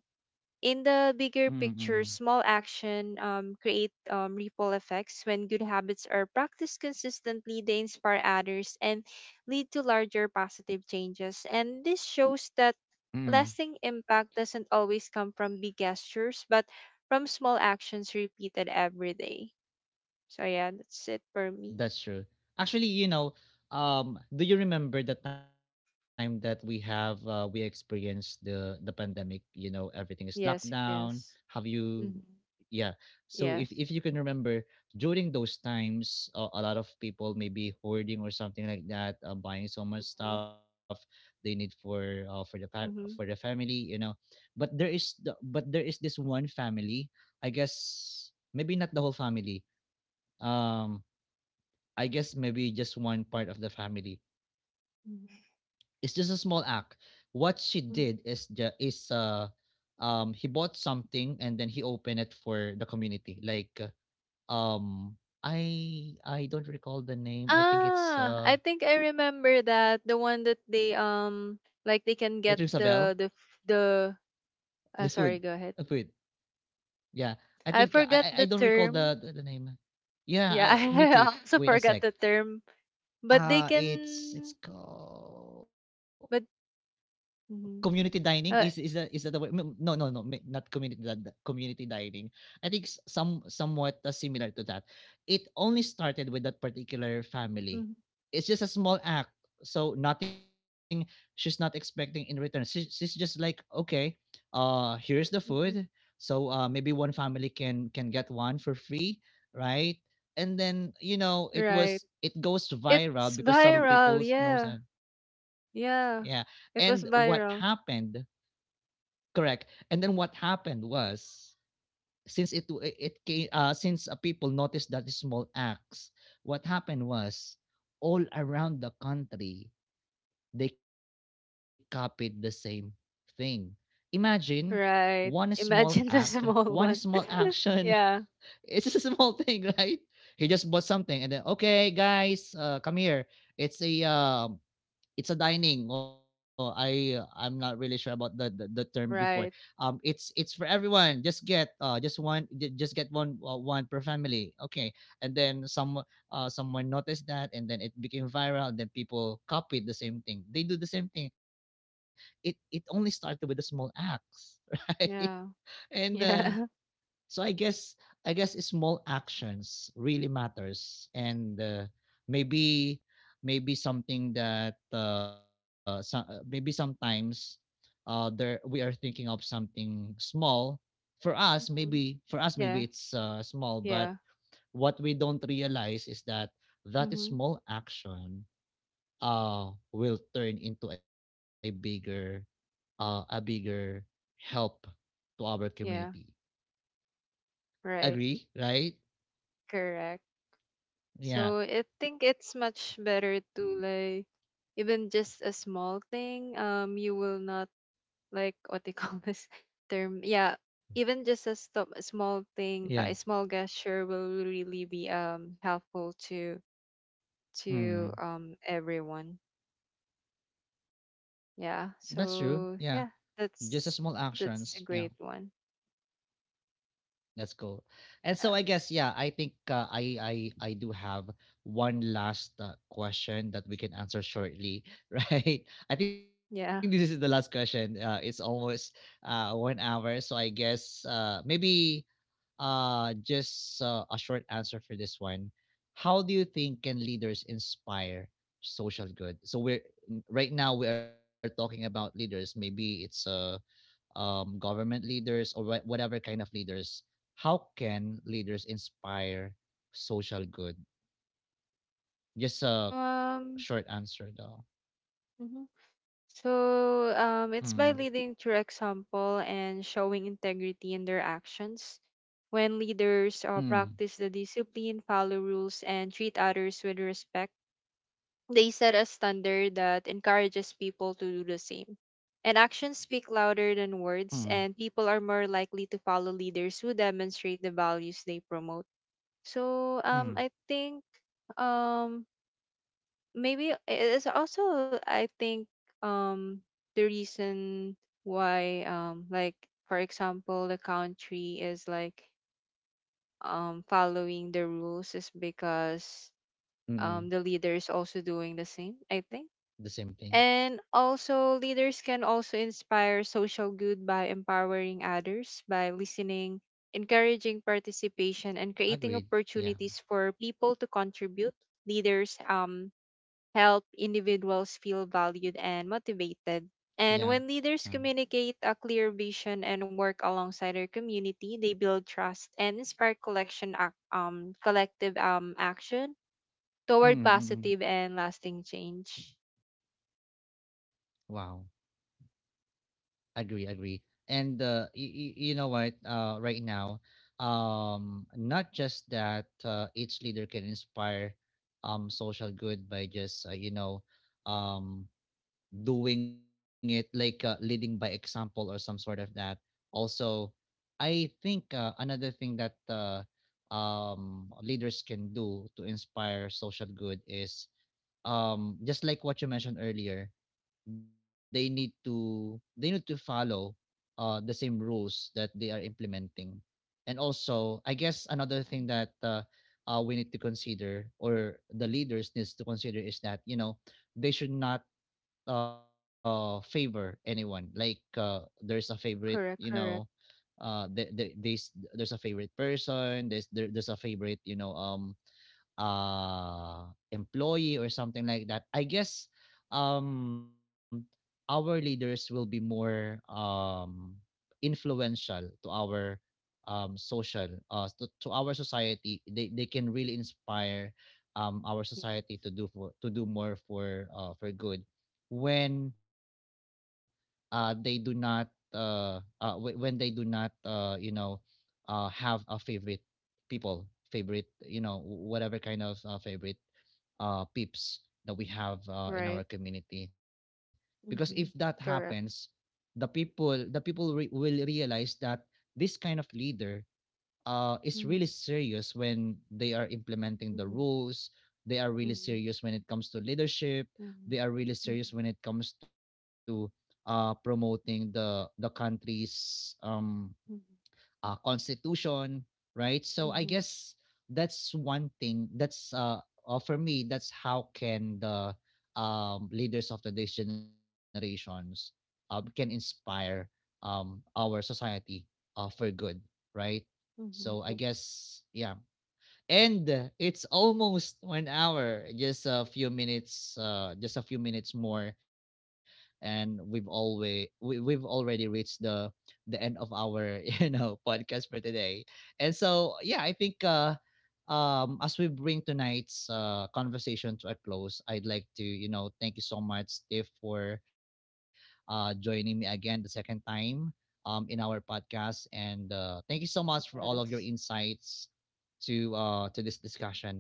Speaker 2: In the
Speaker 1: Mm.
Speaker 2: bigger
Speaker 1: Mm.
Speaker 2: picture, small action um, create um, ripple effects. When good habits are practiced consistently, they inspire others and lead to larger positive changes. And this shows that
Speaker 1: Mm.
Speaker 2: lasting impact doesn't always come from big gestures, but from small actions repeated every day. So yeah, that's it for me.
Speaker 1: That's true. Actually, you know, um, do you remember the time that we have uh, we experienced the the pandemic? You know, everything is locked
Speaker 2: Yes,
Speaker 1: down. Have
Speaker 2: yes.
Speaker 1: you?
Speaker 2: Mm-hmm.
Speaker 1: Yeah. So if if
Speaker 2: Yes.
Speaker 1: you can remember, during those times, uh, a lot of people maybe hoarding or something like that, uh, buying so much
Speaker 2: Mm-hmm.
Speaker 1: stuff they need for, uh, for the fa- for the
Speaker 2: Mm-hmm.
Speaker 1: family. You know, but there is the, but there is this one family. I guess maybe not the whole family. Um I guess maybe just one part of the family. It's just a small act. What she did is,
Speaker 2: Mm-hmm.
Speaker 1: ju- is uh um he bought something and then he opened it for the community. Like, uh, um I I don't recall the name. I think it's—
Speaker 2: Ah, I
Speaker 1: uh
Speaker 2: think I remember that, the one that they um
Speaker 1: it rings a
Speaker 2: like they
Speaker 1: bell.
Speaker 2: can get the the f- the
Speaker 1: The food,
Speaker 2: uh,
Speaker 1: the
Speaker 2: sorry,
Speaker 1: food.
Speaker 2: go ahead.
Speaker 1: Yeah, I think I I
Speaker 2: I
Speaker 1: I don't
Speaker 2: forgot
Speaker 1: recall
Speaker 2: the
Speaker 1: the the, the
Speaker 2: term.
Speaker 1: name. Yeah, I—
Speaker 2: Yeah,
Speaker 1: me too.
Speaker 2: I
Speaker 1: Wait a
Speaker 2: also
Speaker 1: sec.
Speaker 2: forgot the term, but
Speaker 1: Uh
Speaker 2: they
Speaker 1: it's it's
Speaker 2: can
Speaker 1: called
Speaker 2: but
Speaker 1: community
Speaker 2: mhm.
Speaker 1: dining. Is is that
Speaker 2: uh,
Speaker 1: is that the way— m- no, no, no, me, not community di di community dining. I think s some somewhat, uh, similar to that. It only started with that particular family.
Speaker 2: mhm,
Speaker 1: It's just a small act, so nothing— she's not expecting in return. She she's just like, "Okay, uh, here's the food.
Speaker 2: mhm.
Speaker 1: So, uh, maybe one family can can get one for free, right?" And then, you know, it
Speaker 2: Right.
Speaker 1: was it goes viral
Speaker 2: It's
Speaker 1: because some people
Speaker 2: viral.
Speaker 1: knows
Speaker 2: Yeah.
Speaker 1: that. Yeah.
Speaker 2: Yeah.
Speaker 1: And what
Speaker 2: It was
Speaker 1: happened?
Speaker 2: viral.
Speaker 1: Correct. And then what happened was, since it w- it came uh, since, uh, people noticed that the small acts, what happened was, all around the country they copied the same thing. Imagine one small
Speaker 2: Right.
Speaker 1: act,
Speaker 2: Imagine the
Speaker 1: one small
Speaker 2: small one.
Speaker 1: action.
Speaker 2: Yeah.
Speaker 1: It's just a small thing, right? He just bought something and then okay, guys, uh, come here. It's a um it's a dining. Oh, I uh, I'm not really sure about the, the the term before. Um,
Speaker 2: Right.
Speaker 1: it's it's for everyone. Just get uh just one ju- just get one uh, one per family. Okay, and then some uh someone noticed that, and then it became viral. Then people copied the same thing. They do the same thing. It it only started with the small acts, right?
Speaker 2: Yeah.
Speaker 1: And uh,
Speaker 2: Yeah.
Speaker 1: so I guess I guess small actions really matters, and uh, maybe maybe something that uh, so, uh, maybe sometimes uh, there we are thinking of something small for us. Maybe
Speaker 2: Mhm.
Speaker 1: for us maybe
Speaker 2: Yeah.
Speaker 1: it's uh, small, but
Speaker 2: Yeah.
Speaker 1: what we don't realize is that that
Speaker 2: Hmm.
Speaker 1: small action uh, will turn into a bigger uh, a bigger help to our community.
Speaker 2: Yeah, right.
Speaker 1: Agree, right?
Speaker 2: Correct.
Speaker 1: Yeah.
Speaker 2: So I think it's much better to, like, even just a small thing, um, you will not like what they call this term. Yeah, even just a stop a small thing, a
Speaker 1: Yeah.
Speaker 2: small gesture will really be um helpful to to
Speaker 1: Mm.
Speaker 2: um everyone.
Speaker 1: That's true.
Speaker 2: Yeah.
Speaker 1: Yeah.
Speaker 2: So yeah,
Speaker 1: Just a small
Speaker 2: that's
Speaker 1: actions. Yeah.
Speaker 2: that's a great one.
Speaker 1: That's cool. And so I guess
Speaker 2: Yeah.
Speaker 1: yeah, I think uh, I I I do have one last uh, question that we can answer shortly, right? I think this is the last
Speaker 2: Yeah.
Speaker 1: question. Uh, it's almost uh one hour, so I guess uh maybe Uh, just uh, a short answer for this one. How do you think can leaders inspire social good? So we're n- right now we are talking about leaders. Maybe it's uh, um, government leaders or wha- whatever kind of leaders. How can leaders inspire social good? Just a
Speaker 2: Um.
Speaker 1: short answer though.
Speaker 2: Mhm. So
Speaker 1: Mm,
Speaker 2: um, it's by leading through example and showing integrity in their actions. When leaders uh,
Speaker 1: mm,
Speaker 2: practice the discipline, follow rules, and treat others with respect, they set a standard that encourages people to do the same. And actions speak louder than
Speaker 1: mm,
Speaker 2: words, and people are more likely to follow leaders who demonstrate the values they promote. So
Speaker 1: mm,
Speaker 2: um, I think um, maybe it is also, I think, um the reason why, um like for example the country is like um following the rules, is because
Speaker 1: mm.
Speaker 2: um the leader is also doing the same, I think.
Speaker 1: The same thing.
Speaker 2: And also leaders can also inspire social good by empowering others, by listening, encouraging participation, and creating
Speaker 1: Agreed. Yeah.
Speaker 2: opportunities for people to contribute. Leaders um help individuals feel valued and motivated. And
Speaker 1: Yeah.
Speaker 2: when leaders
Speaker 1: Mm,
Speaker 2: communicate a clear vision and work alongside their community, they build trust and inspire collection ac- um collective um action
Speaker 1: mm,
Speaker 2: toward
Speaker 1: mm, mm.
Speaker 2: positive and lasting change.
Speaker 1: Wow. Agree, agree. And uh, y- y- you know what? Uh, right now, um, not just that uh, each leader can inspire um social good by just uh, you know um doing it like uh, leading by example or some sort of that. Also, I think uh, another thing that uh, um leaders can do to inspire social good is um just like what you mentioned earlier, they need to they need to follow uh the same rules that they are implementing. And also, I guess another thing that uh, uh we need to consider, or the leaders needs to consider, is that you know they should not uh favor anyone, like uh there's a favorite, you know
Speaker 2: Correct, correct.
Speaker 1: uh the the there's there's a favorite person, there's there, there's a favorite, you know um uh employee or something like that. I guess um our leaders will be more um influential to our um social uh to, to our society. they they can really inspire um our
Speaker 2: Yeah.
Speaker 1: society to do for to do more for uh for good when uh they do not uh, uh wh- when they do not uh you know uh have a favorite people, favorite, you know whatever kind of uh, favorite uh peeps that we have uh, in
Speaker 2: Right.
Speaker 1: our community, because if that
Speaker 2: Mm-hmm.
Speaker 1: happens,
Speaker 2: Correct.
Speaker 1: the people, the people re- will realize that this kind of leader uh is really
Speaker 2: Mhm,
Speaker 1: serious when they are implementing the
Speaker 2: mhm,
Speaker 1: rules. They are really
Speaker 2: mhm,
Speaker 1: serious when it comes to leadership. They
Speaker 2: mhm,
Speaker 1: are really serious when it comes to uh promoting the the country's um
Speaker 2: mhm,
Speaker 1: uh, constitution, right? So I
Speaker 2: mhm,
Speaker 1: guess that's one thing. That's uh, uh For me, that's how can the um, leaders of the next generations uh, can inspire um, our society uh, for good, right? So I
Speaker 2: mhm, mhm.
Speaker 1: guess yeah, and uh, it's almost one hour, just a few minutes uh just a few minutes more, and we've always we, we've already reached the the end of our you know podcast for today. And so yeah, I think uh um as we bring tonight's uh conversation to a close, I'd like to, you know, thank you so much, Steve, for uh joining me again the second time um in our podcast, and uh thank you so much for all of your
Speaker 2: Yes.
Speaker 1: insights to uh to this discussion.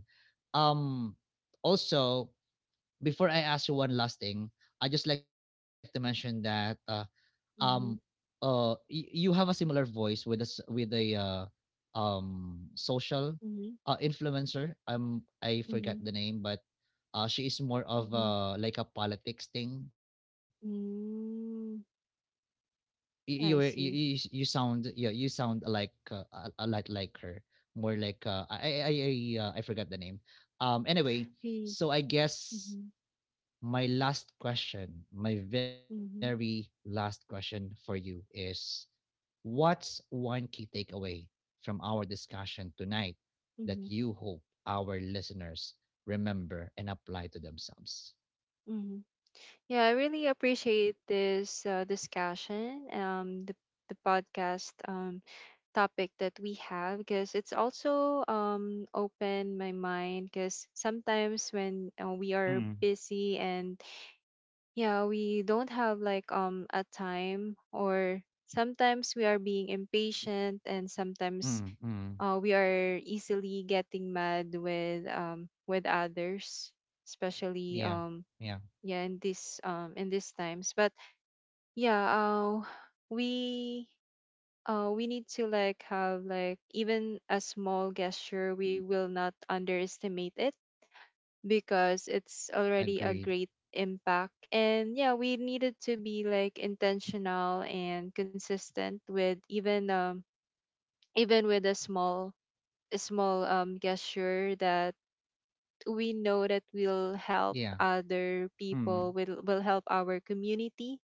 Speaker 1: Um Also, before I ask you one last thing, I just like to mention that uh, um
Speaker 2: Mhm,
Speaker 1: uh y- you have a similar voice with us, with a uh, um social
Speaker 2: mhm,
Speaker 1: uh, influencer. Um I forgot
Speaker 2: mhm,
Speaker 1: the name, but uh she is more of
Speaker 2: mhm.
Speaker 1: uh like a politics thing.
Speaker 2: Mm,
Speaker 1: You you
Speaker 2: I
Speaker 1: were- you,
Speaker 2: see.
Speaker 1: you, you sound, yeah, you sound like uh, a, a lot like her, more like uh, I I I uh, I forgot the name. Um anyway,
Speaker 2: Hey.
Speaker 1: so I guess
Speaker 2: Mhm.
Speaker 1: my last question, my very
Speaker 2: Mhm.
Speaker 1: last question for you is, what's one key takeaway from our discussion tonight that
Speaker 2: Mhm.
Speaker 1: you hope our listeners remember and apply to themselves?
Speaker 2: Mhm. Yeah, I really appreciate this uh, discussion, um, the the podcast um topic that we have, because it's also um opened my mind. Because sometimes when uh, we are
Speaker 1: Mm,
Speaker 2: busy, and yeah, we don't have like um a time, or sometimes we are being impatient, and sometimes
Speaker 1: mm, mm.
Speaker 2: uh, we are easily getting mad with um with others, especially
Speaker 1: Yeah,
Speaker 2: um
Speaker 1: yeah,
Speaker 2: yeah, in this um in these times. But yeah, uh we uh we need to, like, have, like, even a small gesture, we will not underestimate it, because it's already a
Speaker 1: agreed.
Speaker 2: great impact. And yeah, we needed to be like intentional and consistent with, even um even with a small, a small um gesture, that we know that we'll help
Speaker 1: Yeah.
Speaker 2: other people,
Speaker 1: Mm.
Speaker 2: will will help our community.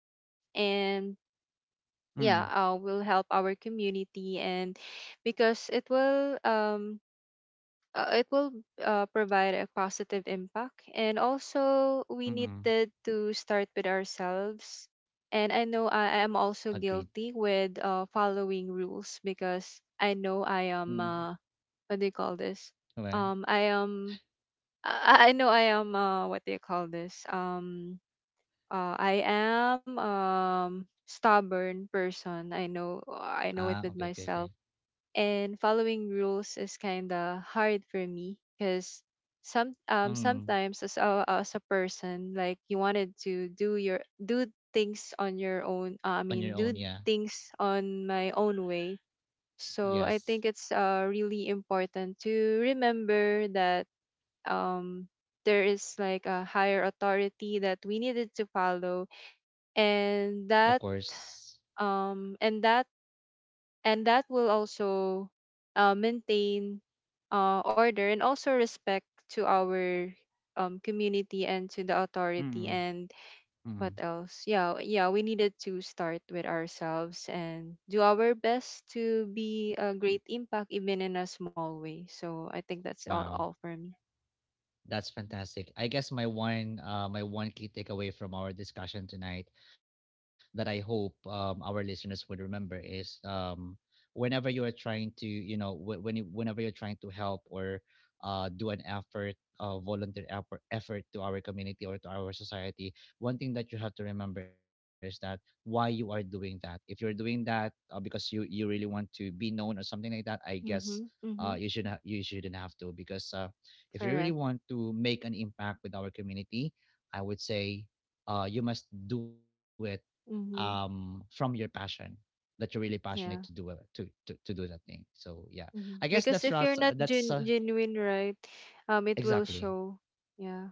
Speaker 2: And
Speaker 1: Mm,
Speaker 2: yeah, uh, will help our community, and because it will um uh, it will uh, provide a positive impact. And also, we
Speaker 1: mm.
Speaker 2: needed to start with ourselves. And I know I am
Speaker 1: Agreed.
Speaker 2: also guilty with uh, following rules, because I know I am
Speaker 1: Mm,
Speaker 2: uh, what do you call this,
Speaker 1: okey.
Speaker 2: um I am I I know I am, uh what do you call this? Um uh I am um stubborn person. I know, I
Speaker 1: Ah,
Speaker 2: know it
Speaker 1: okay,
Speaker 2: with
Speaker 1: okay, okay.
Speaker 2: myself. And following rules is kind of hard for me, cuz some um
Speaker 1: Mm.
Speaker 2: sometimes as a as a person, like, you wanted to do your do things on your own. Uh, I
Speaker 1: On
Speaker 2: mean,
Speaker 1: your
Speaker 2: do
Speaker 1: own, yeah.
Speaker 2: things on my own way. So I think
Speaker 1: Yes,
Speaker 2: it's uh really important to remember that um there is like a higher authority that we needed to follow,
Speaker 1: of
Speaker 2: and that
Speaker 1: course.
Speaker 2: um and that and that will also uh, maintain uh, order and also respect to our um, community and to the authority.
Speaker 1: Mm,
Speaker 2: And what
Speaker 1: mm.
Speaker 2: else, yeah, yeah, we needed to start with ourselves and do our best to be a great impact even in a small way. So I think that's all,
Speaker 1: Wow.
Speaker 2: all for me.
Speaker 1: That's fantastic. I guess my one uh, my one key takeaway from our discussion tonight that I hope um, our listeners would remember is um, whenever you are trying to, you know, wh- when you, whenever you're trying to help or uh, do an effort uh, volunteer effort effort to our community or to our society, one thing that you have to remember is that why you are doing that. If you're doing that uh, because you you really want to be known or something like that, I guess
Speaker 2: Mm-hmm,
Speaker 1: uh,
Speaker 2: mm-hmm,
Speaker 1: you shouldn't ha- you shouldn't have to because. Uh, if you really
Speaker 2: correct.
Speaker 1: want to make an impact with our community, I would say uh, you must do it um,
Speaker 2: Mm-hmm.
Speaker 1: from your passion, that you're really passionate to do it
Speaker 2: Yeah.
Speaker 1: to, to to do that thing. So yeah, I guess
Speaker 2: Mm-hmm.
Speaker 1: that's
Speaker 2: Because
Speaker 1: right.
Speaker 2: if you're not
Speaker 1: That's uh,
Speaker 2: gen- genuine, right, um, it will
Speaker 1: Exactly,
Speaker 2: show. Yeah.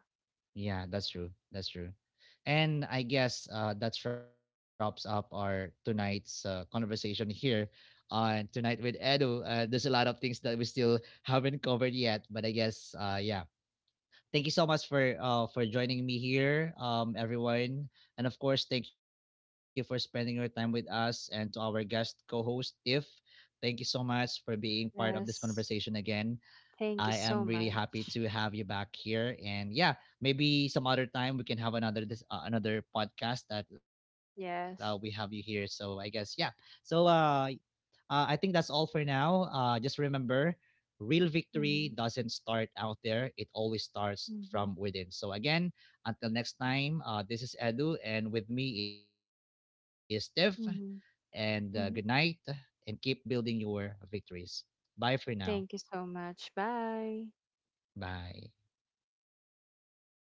Speaker 1: yeah. That's true. That's true. And I guess uh, that wraps up our tonight's uh, conversation here on Tonight with Edu. Uh, there's a lot of things that we still haven't covered yet, but I guess uh, yeah, thank you so much for uh for joining me here, um, everyone, and of course thank you for spending your time with us, and to our guest co-host Tiff, thank you so much for being part of this conversation
Speaker 2: Yes.
Speaker 1: again. I
Speaker 2: Thank
Speaker 1: am
Speaker 2: you
Speaker 1: really
Speaker 2: so
Speaker 1: happy
Speaker 2: much.
Speaker 1: to have you back here, and yeah, maybe some other time we can have another this uh, another podcast that uh, we have you here.
Speaker 2: Yes.
Speaker 1: So I guess yeah. So uh uh, I think that's all for now. Uh, just remember, real victory
Speaker 2: Mm-hmm.
Speaker 1: doesn't start out there, it always starts from
Speaker 2: Mm-hmm.
Speaker 1: within. So, again, until next time, uh, this is Edu, and with me is Steph. And uh, good
Speaker 2: Mm-hmm.
Speaker 1: night,
Speaker 2: Mm-hmm.
Speaker 1: and keep building your victories. Bye for now.
Speaker 2: Thank you so much. Bye.
Speaker 1: Bye.